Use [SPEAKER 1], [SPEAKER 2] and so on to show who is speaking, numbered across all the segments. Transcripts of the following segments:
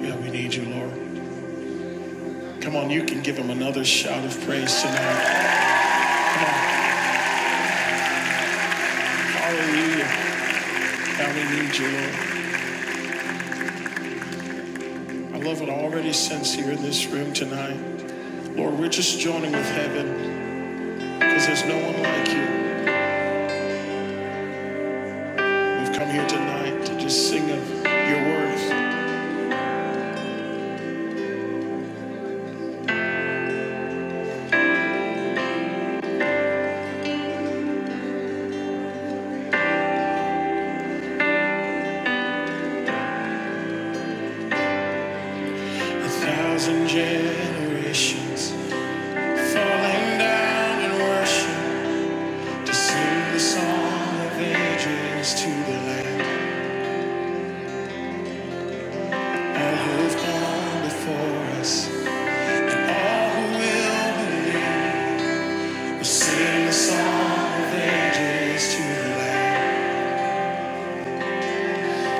[SPEAKER 1] Yeah, we need you, Lord. Come on, you can give him another shout of praise tonight. Come on, hallelujah. Now we need you, Lord. I love what I already sense here in this room tonight. Lord, we're just joining with heaven because there's no one like you. We've come here tonight to just sing of your worth. A thousand generations falling down in worship to sing the song of ages to the land. All who've gone before us. All who will believe will sing the song of ages to the Lamb.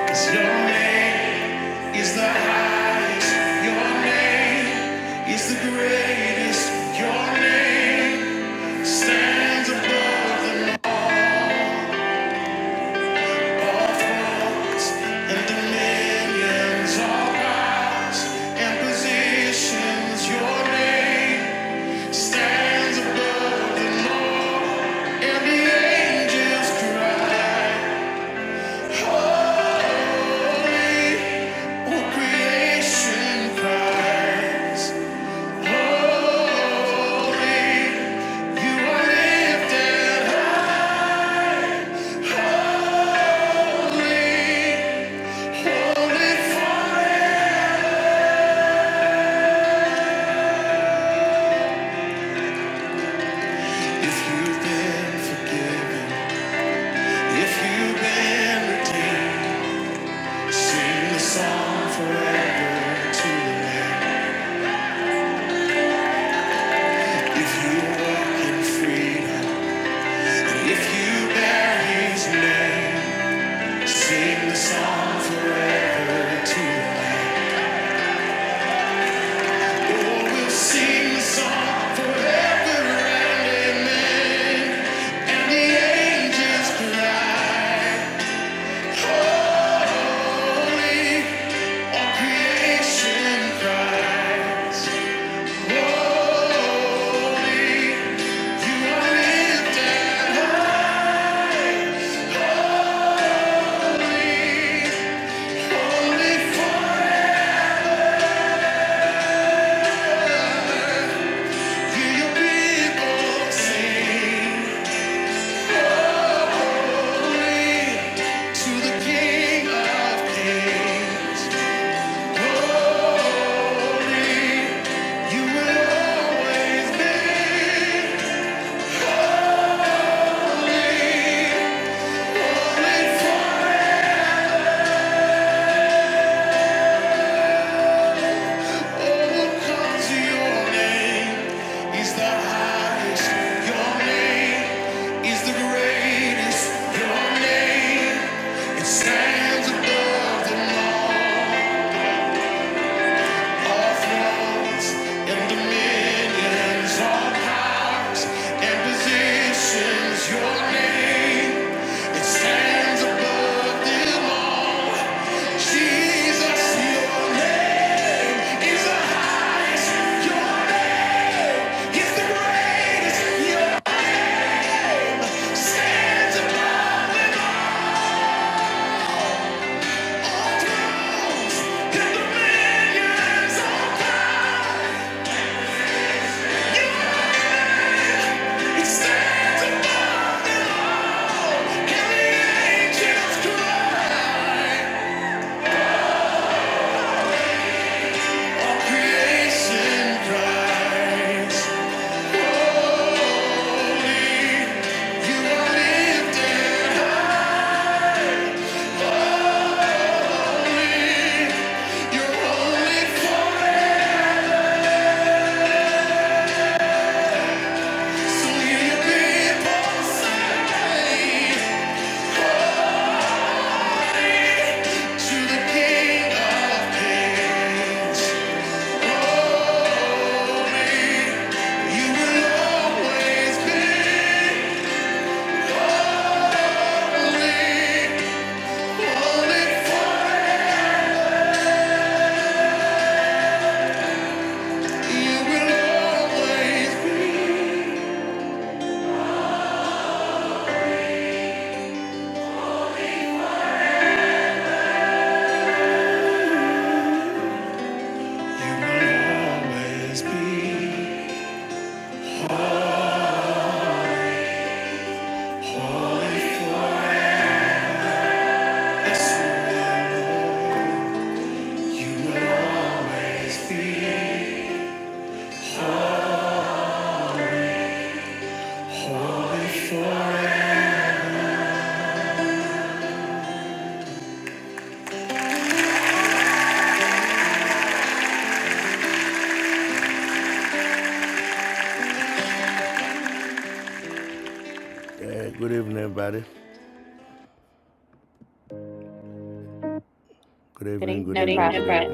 [SPEAKER 1] 'Cause your name is the highest, your name is the greatest, your name stands above the n- all thrones and dominions, all powers and positions. Your name stands above the Lord and the angels cry. If you walk in freedom, and if you bear his name. Sing the song forever to the land. Oh, we'll sing the song forever and amen. And the angels cry, holy, all creation cry, holy, you are lifted holy for you, your people sing. To the King of Kings, you will always be faithful. Oh, come to your name is the highest. Your name is the greatest. Your name it stands above the law. Stands above. You will always be holy, holy forever. You will always be. You will always be holy forever. You will always be holy forever.
[SPEAKER 2] Good evening, Prophet.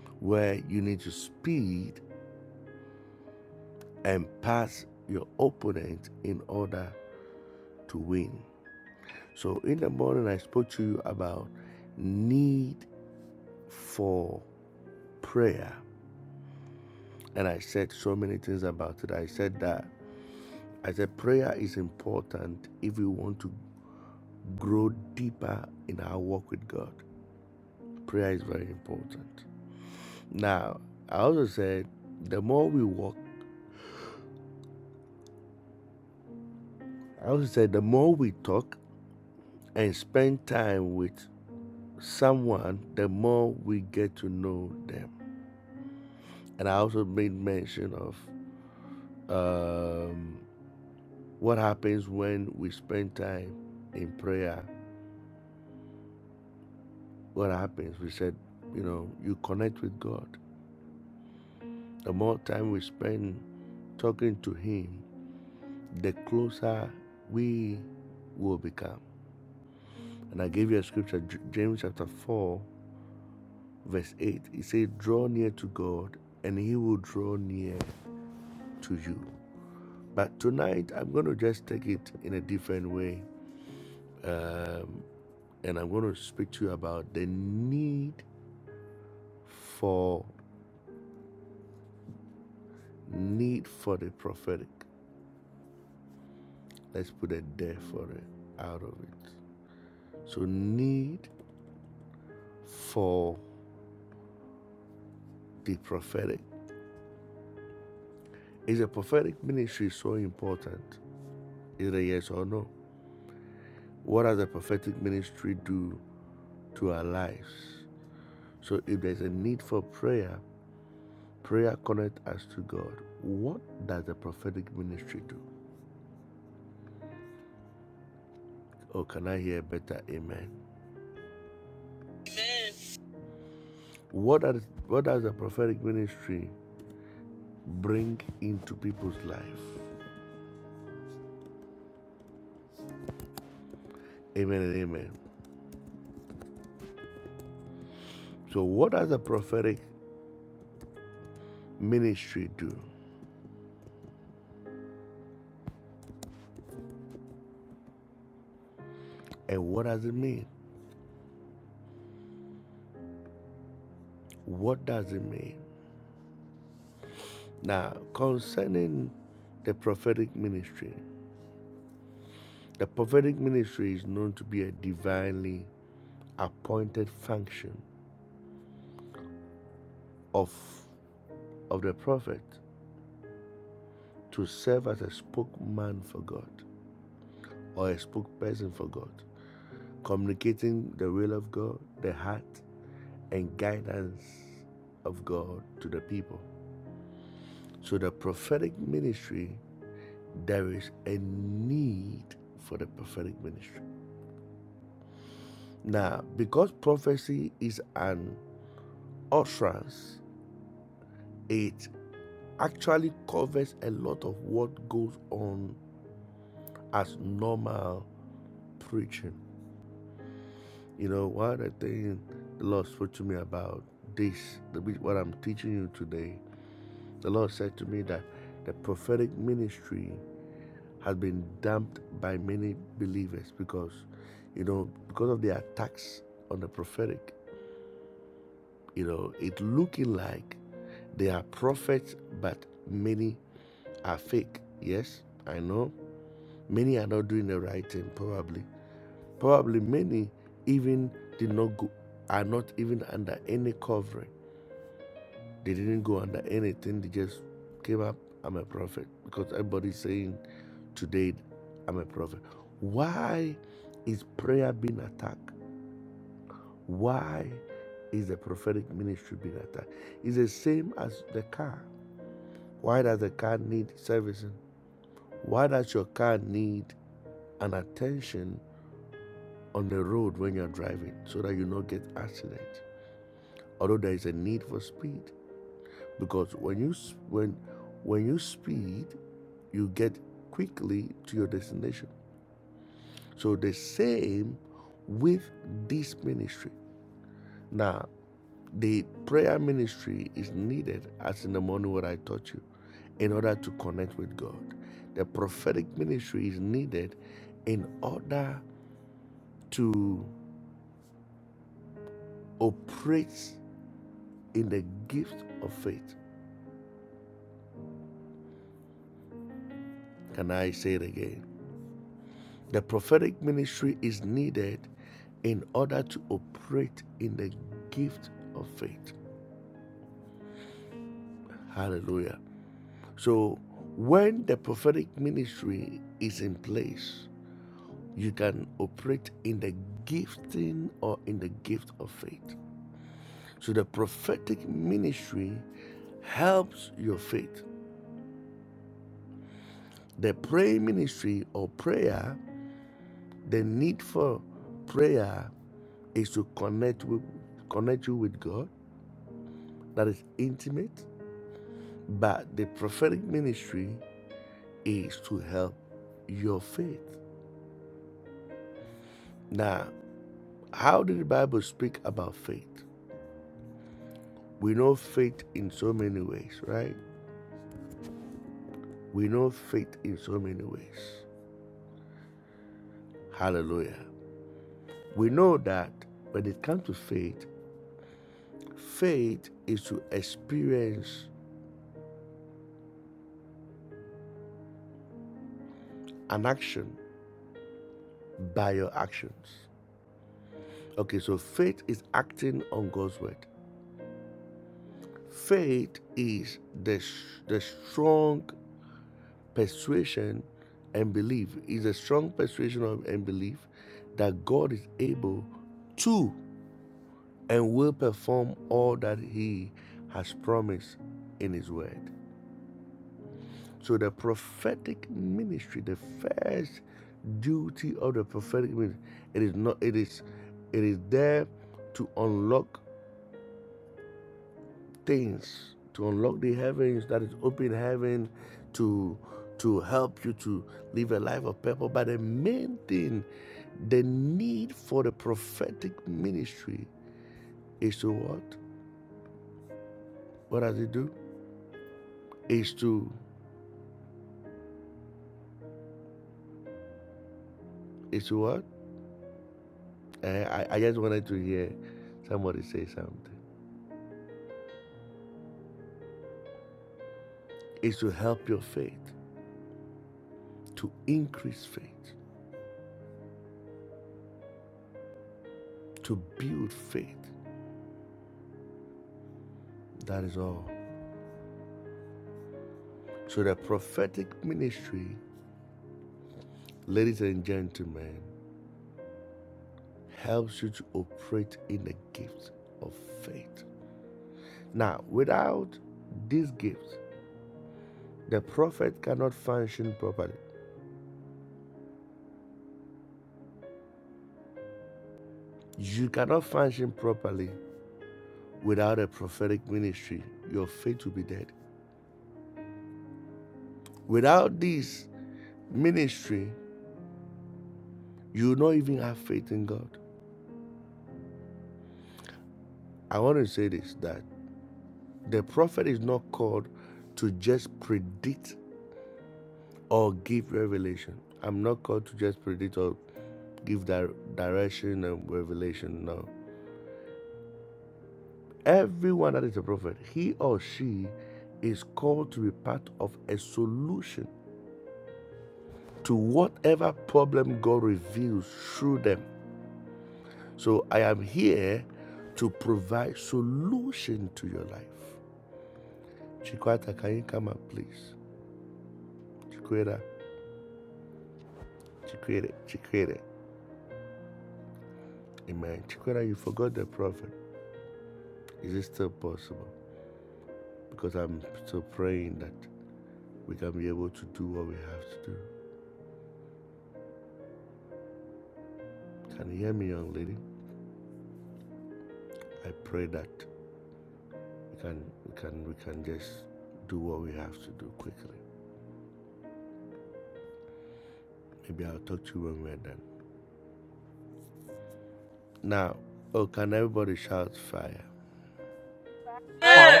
[SPEAKER 2] Bye.
[SPEAKER 3] Amen.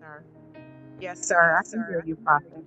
[SPEAKER 4] sir. Yes, sir. I can hear you, Prophet.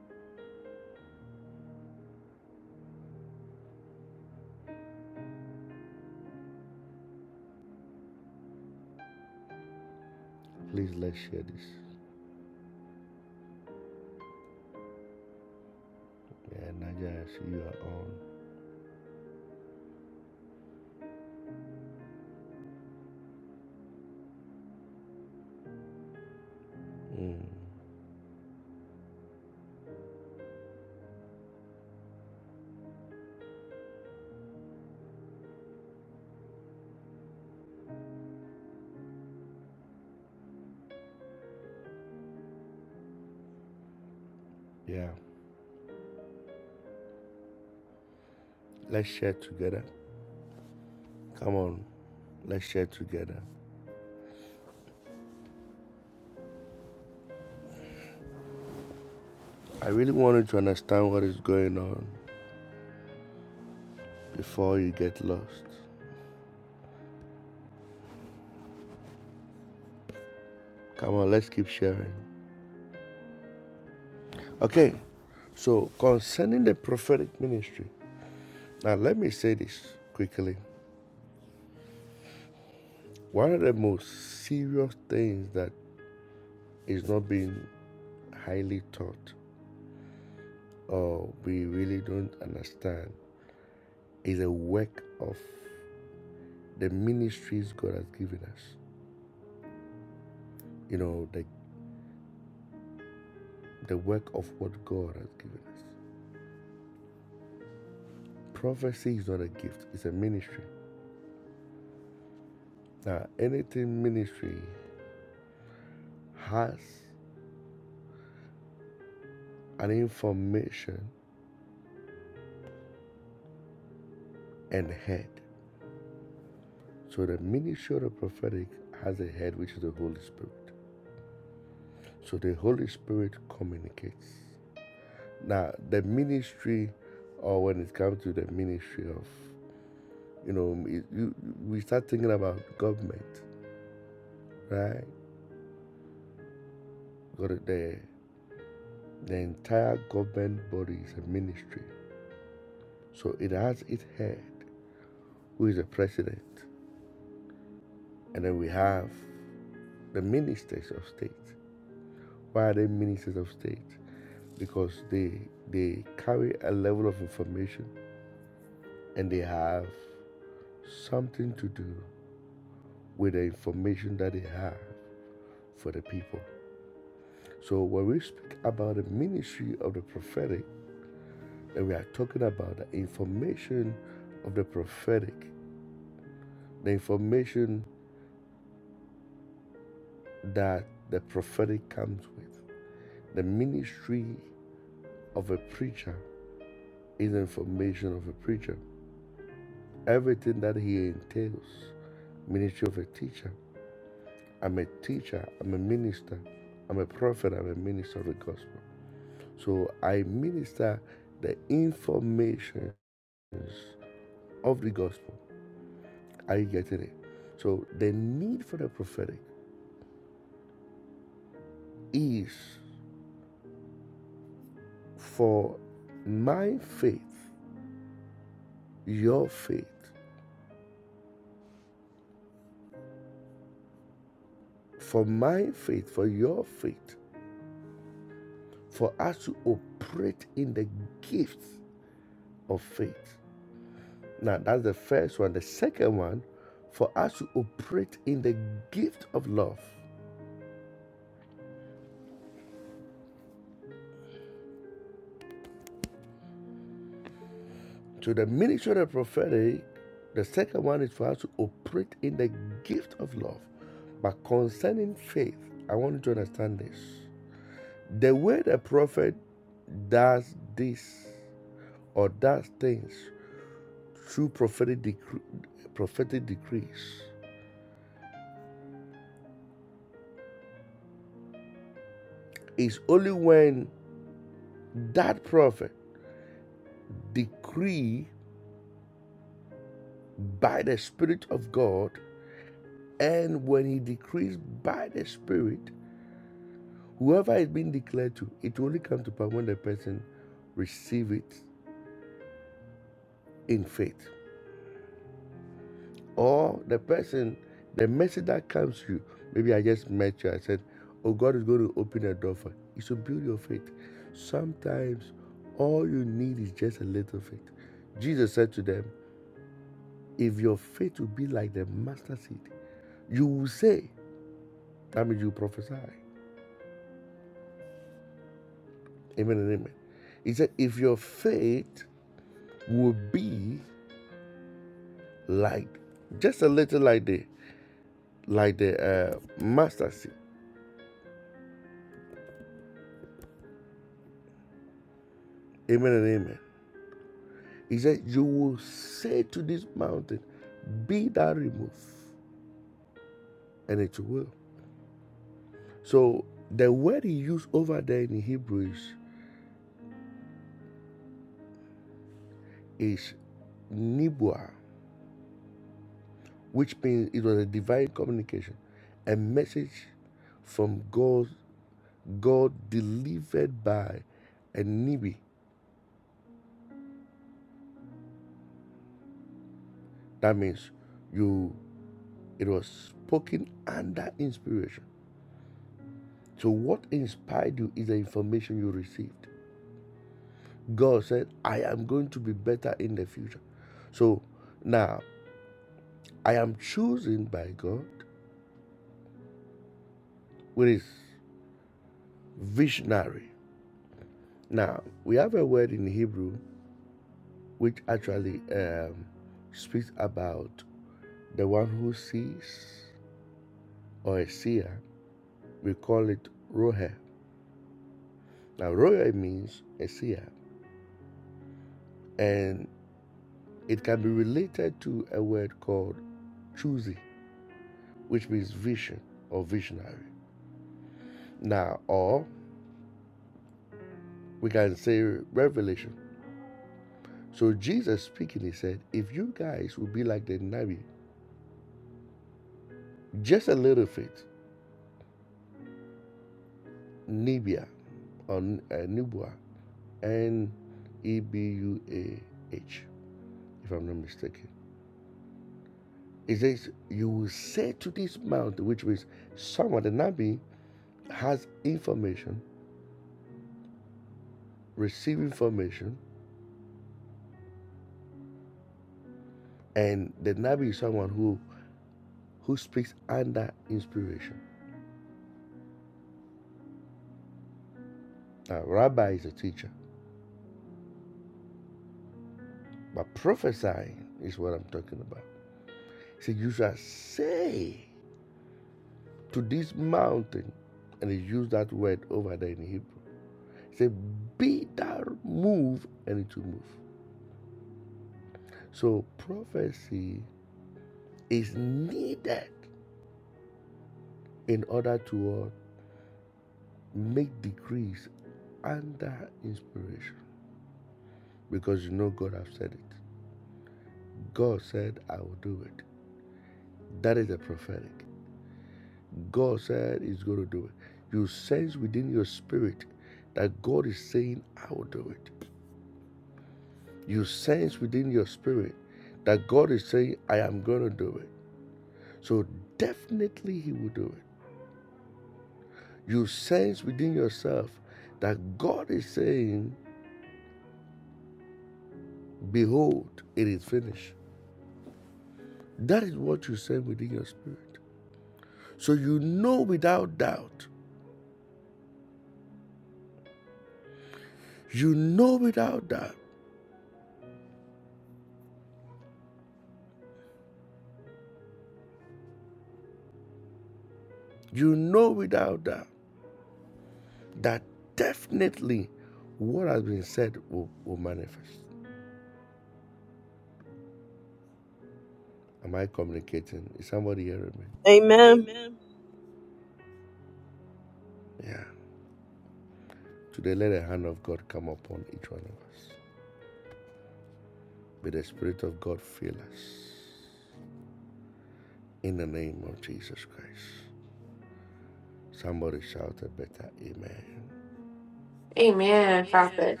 [SPEAKER 5] Amen, prophet.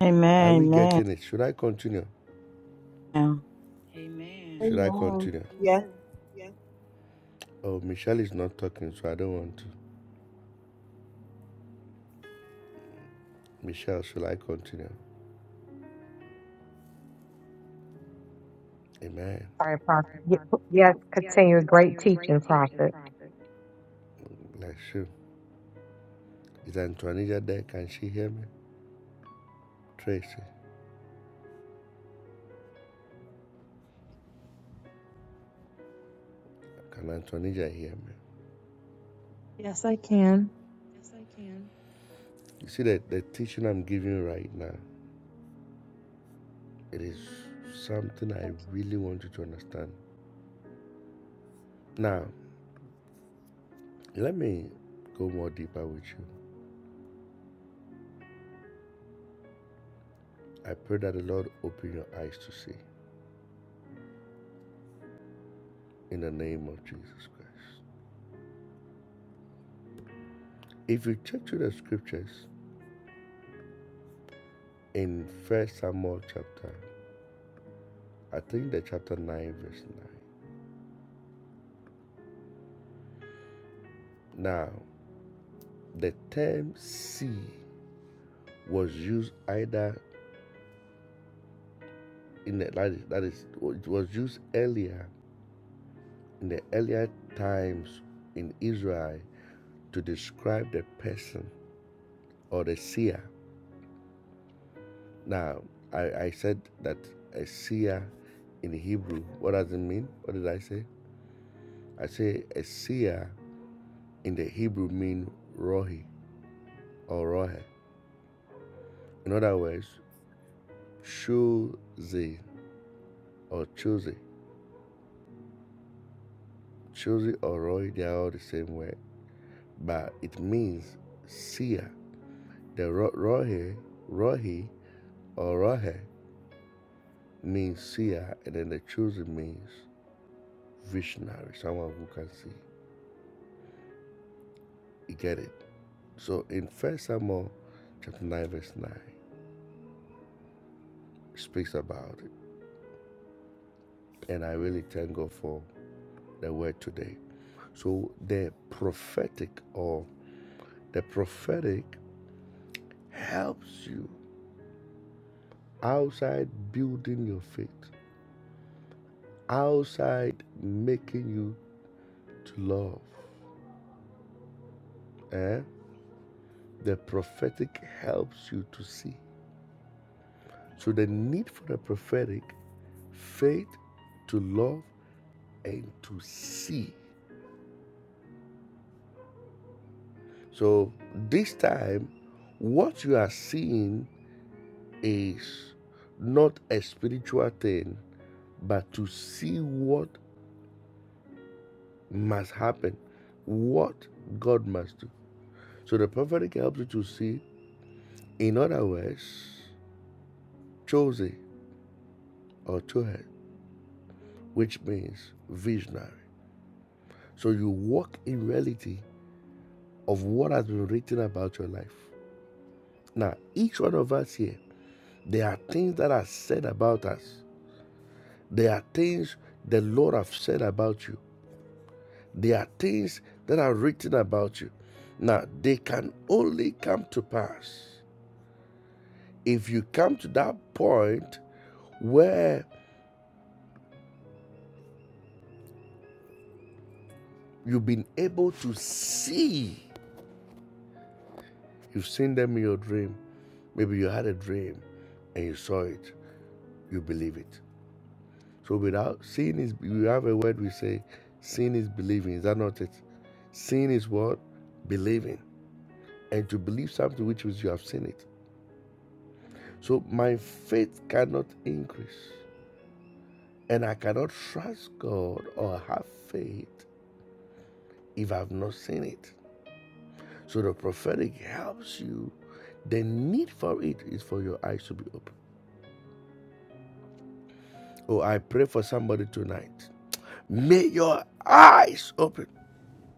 [SPEAKER 6] Amen. Amen.
[SPEAKER 3] Amen. Yes,
[SPEAKER 4] Sorry, Prophet. Ye- Yes, continue. Great teaching, Prophet.
[SPEAKER 7] Yes, I can. I can.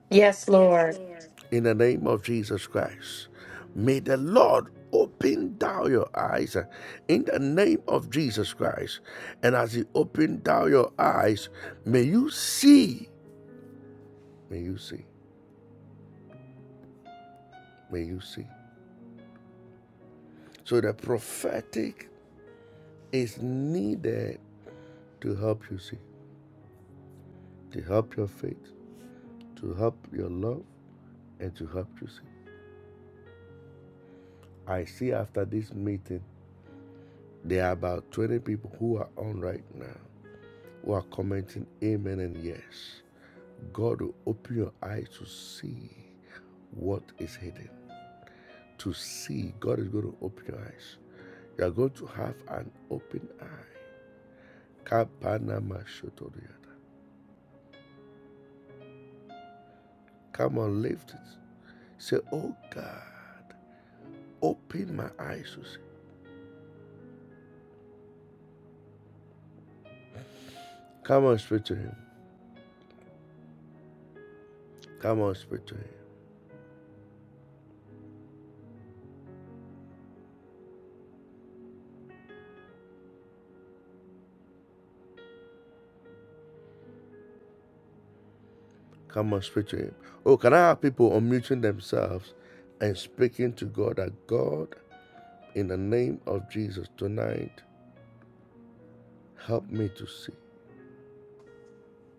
[SPEAKER 5] Yes, Lord.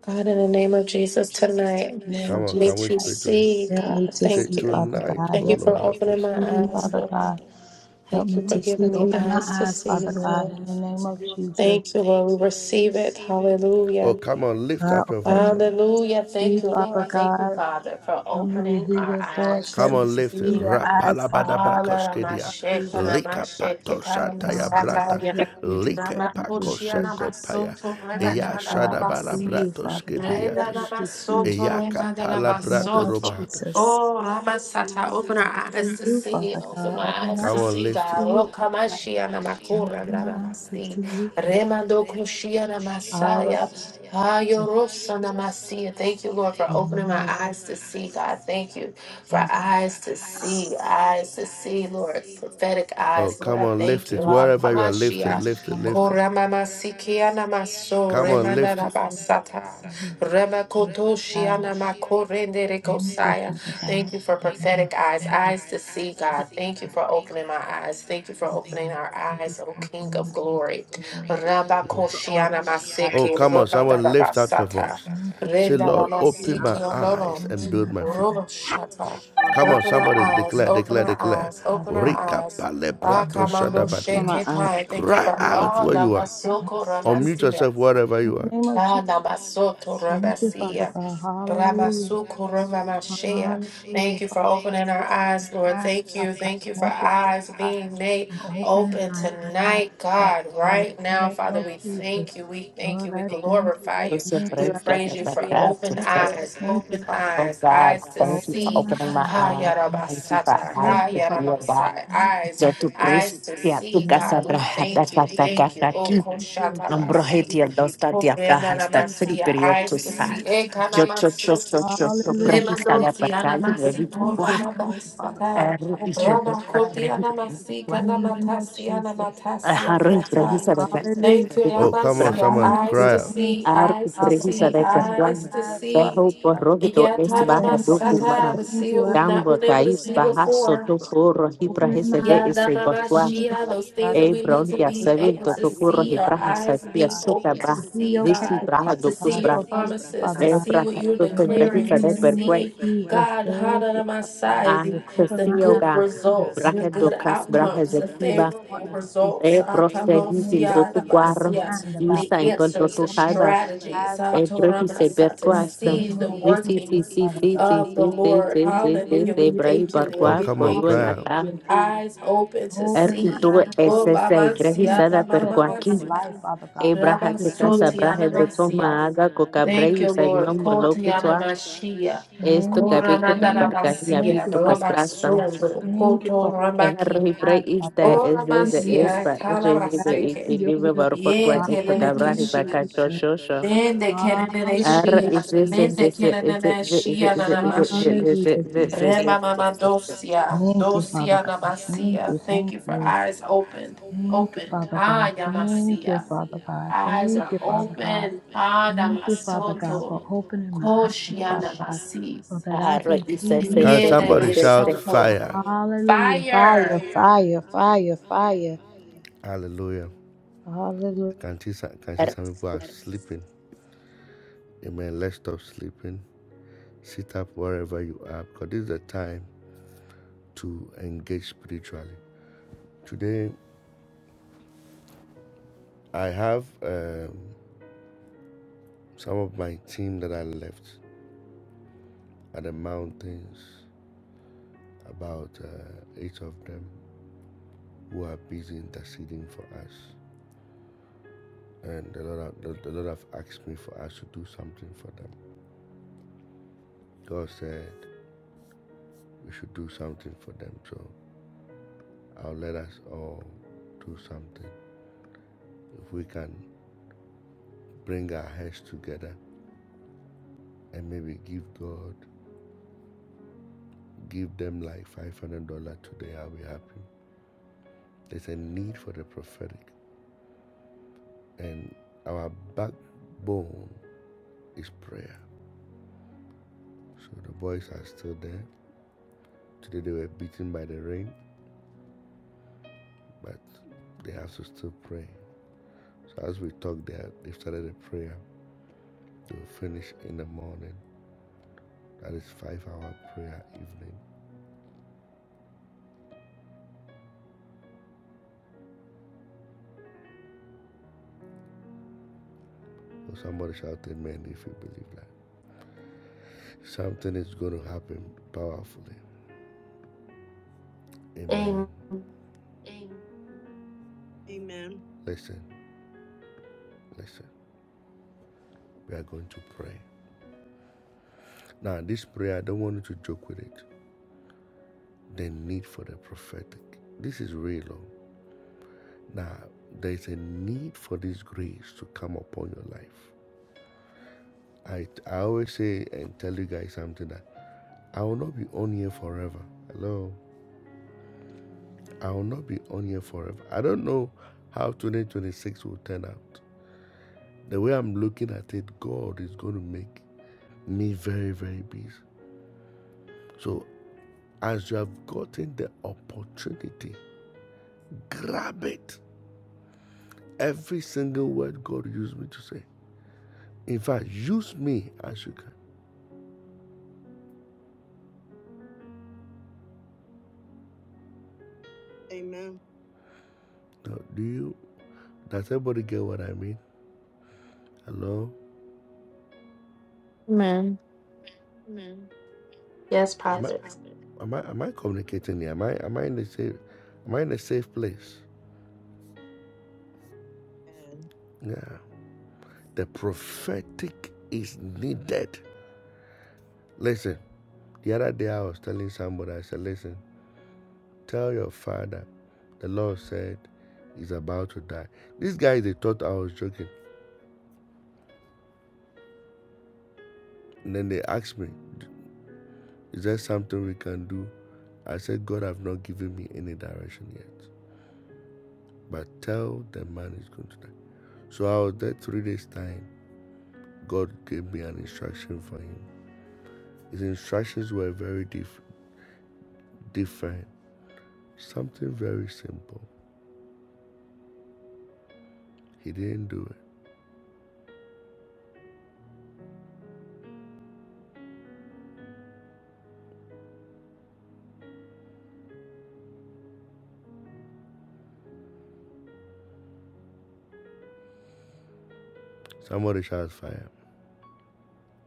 [SPEAKER 5] God, in the name of Jesus, tonight, me to see, God. Thank you. Thank you for opening my eyes, Lord. Thank you for giving me eyes to see, Lord. Thank you, Lord. We receive it. Hallelujah. Hallelujah. Thank you, Lord. Thank you, Father, for opening our eyes to see. Hallelujah. Ramakoshia Masoto Rebatanabasi. Renanabasoto Remadanabasoto. Oh Ramasata, open our eyes to see, open my eyes to see God. Oh Kamashia Namakura Ranamasi. Remando Koshia Namasaya. Ayorosa Namasia. Thank you, Lord, for opening my eyes to see, God. Thank you for eyes to see, eyes to see, Lord. Prophetic eyes, Lord. I thank you. Ah, Kamashia. Koramama sikiana maso remanda la basata remakoto shiana makorende rekosaya. Thank you for prophetic eyes, eyes to see God. Thank you for opening my eyes. Thank you for opening our eyes, O King of Glory. Rabakoshiana maseke remanda la basata renda la masiki onoro robo shata.
[SPEAKER 3] my God.
[SPEAKER 5] Open our eyes, open our eyes, open our eyes. Ah, Kamando
[SPEAKER 8] from my aunt
[SPEAKER 5] Sheketai, thank you for all Namasoko Ramasia. Ah, Namasoto Ramasukuramamashia. Thank you for opening our eyes, Lord. Thank you. Thank you for eyes being made open tonight, God, right now. Father, we thank you. We thank you. We glorify you.
[SPEAKER 2] Sister
[SPEAKER 5] We
[SPEAKER 2] Grace, let me
[SPEAKER 5] praise you
[SPEAKER 2] back
[SPEAKER 5] for
[SPEAKER 2] up to
[SPEAKER 5] open
[SPEAKER 2] say,
[SPEAKER 5] eyes, open
[SPEAKER 2] oh
[SPEAKER 5] eyes,
[SPEAKER 2] God,
[SPEAKER 5] eyes to
[SPEAKER 2] thank you for
[SPEAKER 5] see.
[SPEAKER 2] opening my
[SPEAKER 5] Ha
[SPEAKER 2] eyes. Thank you for
[SPEAKER 5] yarabasata,
[SPEAKER 2] eyes
[SPEAKER 5] ha
[SPEAKER 2] to see, oh God.
[SPEAKER 5] yaramasai, eyes,
[SPEAKER 2] So to praise,
[SPEAKER 5] eyes to
[SPEAKER 2] yeah, to
[SPEAKER 5] see,
[SPEAKER 2] casa
[SPEAKER 5] God. We
[SPEAKER 2] brajata,
[SPEAKER 5] thank you.
[SPEAKER 2] caca, caca,
[SPEAKER 5] Thank you. Oh,
[SPEAKER 2] aquí.
[SPEAKER 5] koshatabasi.
[SPEAKER 2] Ambrohetia, dos tatia, brajasta,
[SPEAKER 5] Korenanamasia,
[SPEAKER 2] filiprio,
[SPEAKER 5] eyes
[SPEAKER 2] to
[SPEAKER 5] to
[SPEAKER 2] sa.
[SPEAKER 5] see,
[SPEAKER 2] Yo, cho,
[SPEAKER 5] ekanamasu,
[SPEAKER 2] cho, cho, cho, cho, brajista, la
[SPEAKER 5] lemadosi,
[SPEAKER 2] paca, y
[SPEAKER 5] anamasi,
[SPEAKER 2] revi, tu gua.
[SPEAKER 5] koramadansada,
[SPEAKER 2] Erro, y yo, do, a,
[SPEAKER 5] ramakoti,
[SPEAKER 2] revi, tu
[SPEAKER 5] anamasi,
[SPEAKER 2] gua.
[SPEAKER 5] kanamatasi, anamatasi,
[SPEAKER 2] Ajá, revi,
[SPEAKER 5] anamata.
[SPEAKER 2] brajista, la
[SPEAKER 5] Thank you,
[SPEAKER 2] paca,
[SPEAKER 5] Ramasia, eyes to see,
[SPEAKER 2] Arco
[SPEAKER 5] eyes to
[SPEAKER 2] precisa
[SPEAKER 5] see,
[SPEAKER 2] de
[SPEAKER 5] eyes
[SPEAKER 2] perdón.
[SPEAKER 5] to see.
[SPEAKER 2] Perro por rojito es baja do fuma.
[SPEAKER 5] Yataramasata, to see what we've not
[SPEAKER 2] Gambo
[SPEAKER 5] been able to
[SPEAKER 2] caís
[SPEAKER 5] see
[SPEAKER 2] baja
[SPEAKER 5] before.
[SPEAKER 2] soto por y prajese de
[SPEAKER 5] Yeah, that
[SPEAKER 2] ese bosque.
[SPEAKER 5] those things that
[SPEAKER 2] E
[SPEAKER 5] we need to
[SPEAKER 2] bronquia
[SPEAKER 5] be
[SPEAKER 2] se
[SPEAKER 5] able
[SPEAKER 2] vinto
[SPEAKER 5] to
[SPEAKER 2] to por
[SPEAKER 5] see,
[SPEAKER 2] y
[SPEAKER 5] our
[SPEAKER 2] prajese
[SPEAKER 5] eyes
[SPEAKER 2] tía
[SPEAKER 5] being
[SPEAKER 2] suca
[SPEAKER 5] open to
[SPEAKER 2] baja.
[SPEAKER 5] see
[SPEAKER 2] Visi
[SPEAKER 5] God,
[SPEAKER 2] braja do
[SPEAKER 5] to
[SPEAKER 2] plus
[SPEAKER 5] see your
[SPEAKER 2] bra.
[SPEAKER 5] promises, to
[SPEAKER 2] E
[SPEAKER 5] see what
[SPEAKER 2] braja
[SPEAKER 5] you're
[SPEAKER 2] to se
[SPEAKER 5] declaring,
[SPEAKER 2] brejisa
[SPEAKER 5] to
[SPEAKER 2] de percue.
[SPEAKER 5] see God, Hadanamasai, the, the good
[SPEAKER 2] Anestesioga.
[SPEAKER 5] results, the
[SPEAKER 2] Braje do
[SPEAKER 5] good
[SPEAKER 2] cas braje
[SPEAKER 5] outcomes,
[SPEAKER 2] de
[SPEAKER 5] the
[SPEAKER 2] kiba.
[SPEAKER 5] favorable results,
[SPEAKER 2] E proste hipil do
[SPEAKER 5] Atamosia,
[SPEAKER 2] tu cuarro.
[SPEAKER 5] Rabasia,
[SPEAKER 2] Isa
[SPEAKER 5] the
[SPEAKER 2] y por
[SPEAKER 5] answers, the
[SPEAKER 2] tu
[SPEAKER 5] strategies,
[SPEAKER 2] Ebreki se
[SPEAKER 5] Atoramasa, to
[SPEAKER 2] berquasta.
[SPEAKER 5] see the
[SPEAKER 2] Nisi si
[SPEAKER 5] workings
[SPEAKER 2] si si si
[SPEAKER 5] of the
[SPEAKER 2] si si
[SPEAKER 5] Lord.
[SPEAKER 2] si si si
[SPEAKER 5] Hallelujah. We
[SPEAKER 2] si brai
[SPEAKER 5] thank you, Lord.
[SPEAKER 2] barqua
[SPEAKER 5] We
[SPEAKER 2] pollo
[SPEAKER 5] thank you
[SPEAKER 2] la ca.
[SPEAKER 5] eyes open to
[SPEAKER 2] Er
[SPEAKER 5] see.
[SPEAKER 2] utu es
[SPEAKER 5] Oh,
[SPEAKER 2] ese ebreki
[SPEAKER 5] Babansia,
[SPEAKER 2] sada perquaki.
[SPEAKER 5] Babansia,
[SPEAKER 2] Ebraja que casa braje
[SPEAKER 5] Rabasotiana
[SPEAKER 2] de
[SPEAKER 5] Masia.
[SPEAKER 2] coma haga coca
[SPEAKER 5] Thank
[SPEAKER 2] brei
[SPEAKER 5] you, Lord.
[SPEAKER 2] saimón molo que
[SPEAKER 5] Kotiana
[SPEAKER 2] tua.
[SPEAKER 5] Masia,
[SPEAKER 2] Esto cabico
[SPEAKER 5] Koramandana
[SPEAKER 2] caparca y
[SPEAKER 5] Masia,
[SPEAKER 2] abito castrastam.
[SPEAKER 5] Rabasondo, Koto
[SPEAKER 2] Es arroji
[SPEAKER 5] Ramaki,
[SPEAKER 2] brei ista
[SPEAKER 5] Oh,
[SPEAKER 2] es desde es
[SPEAKER 5] Ramasia,
[SPEAKER 2] para ese vive y
[SPEAKER 5] Tarabaseke.
[SPEAKER 2] que vive barco
[SPEAKER 5] Ye
[SPEAKER 2] por esto cabraje para
[SPEAKER 5] Tenenekeshi,
[SPEAKER 2] cacho
[SPEAKER 5] Nende
[SPEAKER 2] R
[SPEAKER 5] Keneneshia,
[SPEAKER 2] is this is
[SPEAKER 5] Nende
[SPEAKER 2] this is it is it is it
[SPEAKER 5] Keneneshia,
[SPEAKER 2] is it is it
[SPEAKER 5] Nanamashi.
[SPEAKER 2] is it is it is it is it
[SPEAKER 5] Remamamandosia, dosia namasia. Thank you for eyes opened, opened. Ha yamasia. Eyes are open. Ha damasoto. Koshia namasi.
[SPEAKER 2] R is this is this is
[SPEAKER 5] Yere
[SPEAKER 2] this
[SPEAKER 5] soto. Fire.
[SPEAKER 2] R
[SPEAKER 5] Amen.
[SPEAKER 2] man
[SPEAKER 5] Yes, prophet.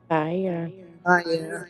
[SPEAKER 2] fire
[SPEAKER 9] Ah, yeah.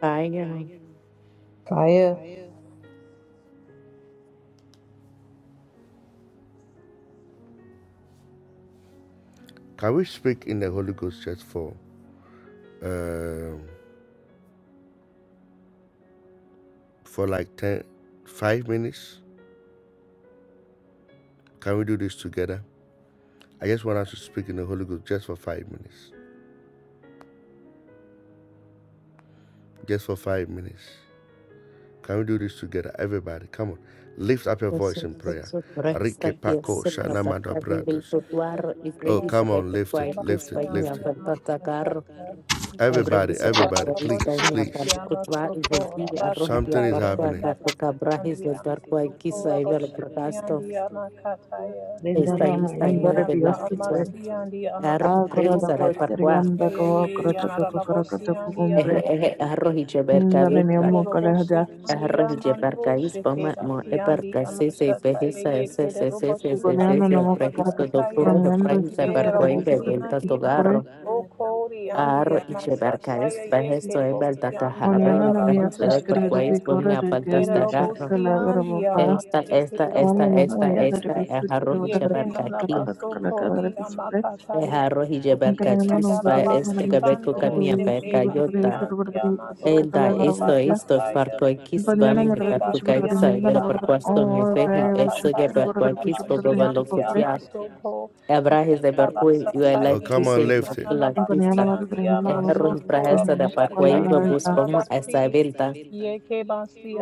[SPEAKER 2] fire Yes, yes, yes, yes. Resta pies pravdarka vivil
[SPEAKER 10] Yama
[SPEAKER 2] tutuar y reis repetuaitus vaina vantatagar reis vertuais vaina palokutva zegi arrohia barqua takuka brahis vertuai kisa ivel pragasto esta esta
[SPEAKER 7] Yananayandara
[SPEAKER 2] nueve
[SPEAKER 7] biyasupre.
[SPEAKER 2] Arroz preguiça de parqua.
[SPEAKER 7] Agoradavoitiriyandagawa karakatako karakatako
[SPEAKER 2] Ehe
[SPEAKER 7] gombre.
[SPEAKER 2] ehe arroz y jebercabi.
[SPEAKER 10] Yekere robo
[SPEAKER 7] Indananiyamokalahaja.
[SPEAKER 10] shikandiya
[SPEAKER 2] Arroz y
[SPEAKER 10] mando
[SPEAKER 2] jebercaís. Pama
[SPEAKER 10] shekera
[SPEAKER 2] mo eberca.
[SPEAKER 10] siyandiya
[SPEAKER 2] Se se
[SPEAKER 10] mashataya
[SPEAKER 2] pejiza. Se
[SPEAKER 10] yekere
[SPEAKER 2] se se
[SPEAKER 10] robo
[SPEAKER 2] se se se
[SPEAKER 10] shikandiya
[SPEAKER 2] se prejizo. Do
[SPEAKER 10] masataya
[SPEAKER 2] burro de
[SPEAKER 7] Igoneyananamokakarakatisukuramayanda
[SPEAKER 2] prejiza
[SPEAKER 10] yere
[SPEAKER 2] parqua
[SPEAKER 10] robo
[SPEAKER 2] y
[SPEAKER 7] iskirivdagravisukurakara
[SPEAKER 2] bebelta
[SPEAKER 10] siyandiya
[SPEAKER 7] isupure.
[SPEAKER 2] togarro.
[SPEAKER 10] mando
[SPEAKER 3] Yes, i
[SPEAKER 10] kori
[SPEAKER 3] yeah,
[SPEAKER 2] Arroz
[SPEAKER 10] andiya
[SPEAKER 2] y
[SPEAKER 10] masataya
[SPEAKER 2] jebercaís. Vejesto
[SPEAKER 10] yekere robo
[SPEAKER 2] ebelta
[SPEAKER 10] siyandiya
[SPEAKER 2] tajarro y prejiza de
[SPEAKER 10] rabashataya
[SPEAKER 2] parquaís. Pame apalta
[SPEAKER 10] yere robo
[SPEAKER 2] tagarro.
[SPEAKER 10] siyandiya
[SPEAKER 2] Esta, esta,
[SPEAKER 10] masakere
[SPEAKER 7] Onyananamiyataishkirivdavikauradarigayavishotikalagarabapa.
[SPEAKER 10] robo
[SPEAKER 2] esta, esta, esta
[SPEAKER 10] shataya
[SPEAKER 2] es arroz y
[SPEAKER 10] yekere nana
[SPEAKER 2] jebercaquí.
[SPEAKER 10] baso kori
[SPEAKER 7] Onyananamayadaravisutikiravdagravisuprakatakakalakaravisupre.
[SPEAKER 2] Es arroz y jebercaquís. Este gabeco
[SPEAKER 10] Yekedarabashikando
[SPEAKER 2] camia percayota. Ella hizo
[SPEAKER 7] Onkanayananomgariyananavisutikiravishiravdagravitaravdagravitapakakalagaravoitia.
[SPEAKER 2] esto para
[SPEAKER 10] shekebasiandiyamasokorabakataya.
[SPEAKER 7] Banana
[SPEAKER 2] Kisbam y
[SPEAKER 7] Maragar
[SPEAKER 2] para
[SPEAKER 7] Pichuputakar,
[SPEAKER 2] Kaisa,
[SPEAKER 7] Hind
[SPEAKER 2] era por
[SPEAKER 7] Manabatakar,
[SPEAKER 2] cuanto mi
[SPEAKER 7] oh,
[SPEAKER 2] fe y
[SPEAKER 7] Gay or
[SPEAKER 2] eso ya
[SPEAKER 7] Shutkar
[SPEAKER 10] Yekebasiandiyamasokorabakataya.
[SPEAKER 2] para Kis por
[SPEAKER 7] Pichuputakar, Hitu
[SPEAKER 2] lo
[SPEAKER 7] Papre,
[SPEAKER 2] cutia.
[SPEAKER 10] Yabashiandiyamasokorababataya.
[SPEAKER 2] Abrahes de Berkui, y el
[SPEAKER 10] Yatabasataya
[SPEAKER 2] like to
[SPEAKER 10] yeke
[SPEAKER 2] say my la
[SPEAKER 7] and
[SPEAKER 10] nananabasi
[SPEAKER 7] Banana
[SPEAKER 2] pista.
[SPEAKER 7] Maragar, Hind
[SPEAKER 10] andiyamaso
[SPEAKER 2] Ejerro
[SPEAKER 7] Manabatakar,
[SPEAKER 2] y prahesa de Parquai,
[SPEAKER 10] koroboshataya
[SPEAKER 2] babus
[SPEAKER 7] Himakola,
[SPEAKER 2] como
[SPEAKER 10] nananabasi
[SPEAKER 2] esa venta.
[SPEAKER 10] yeke basi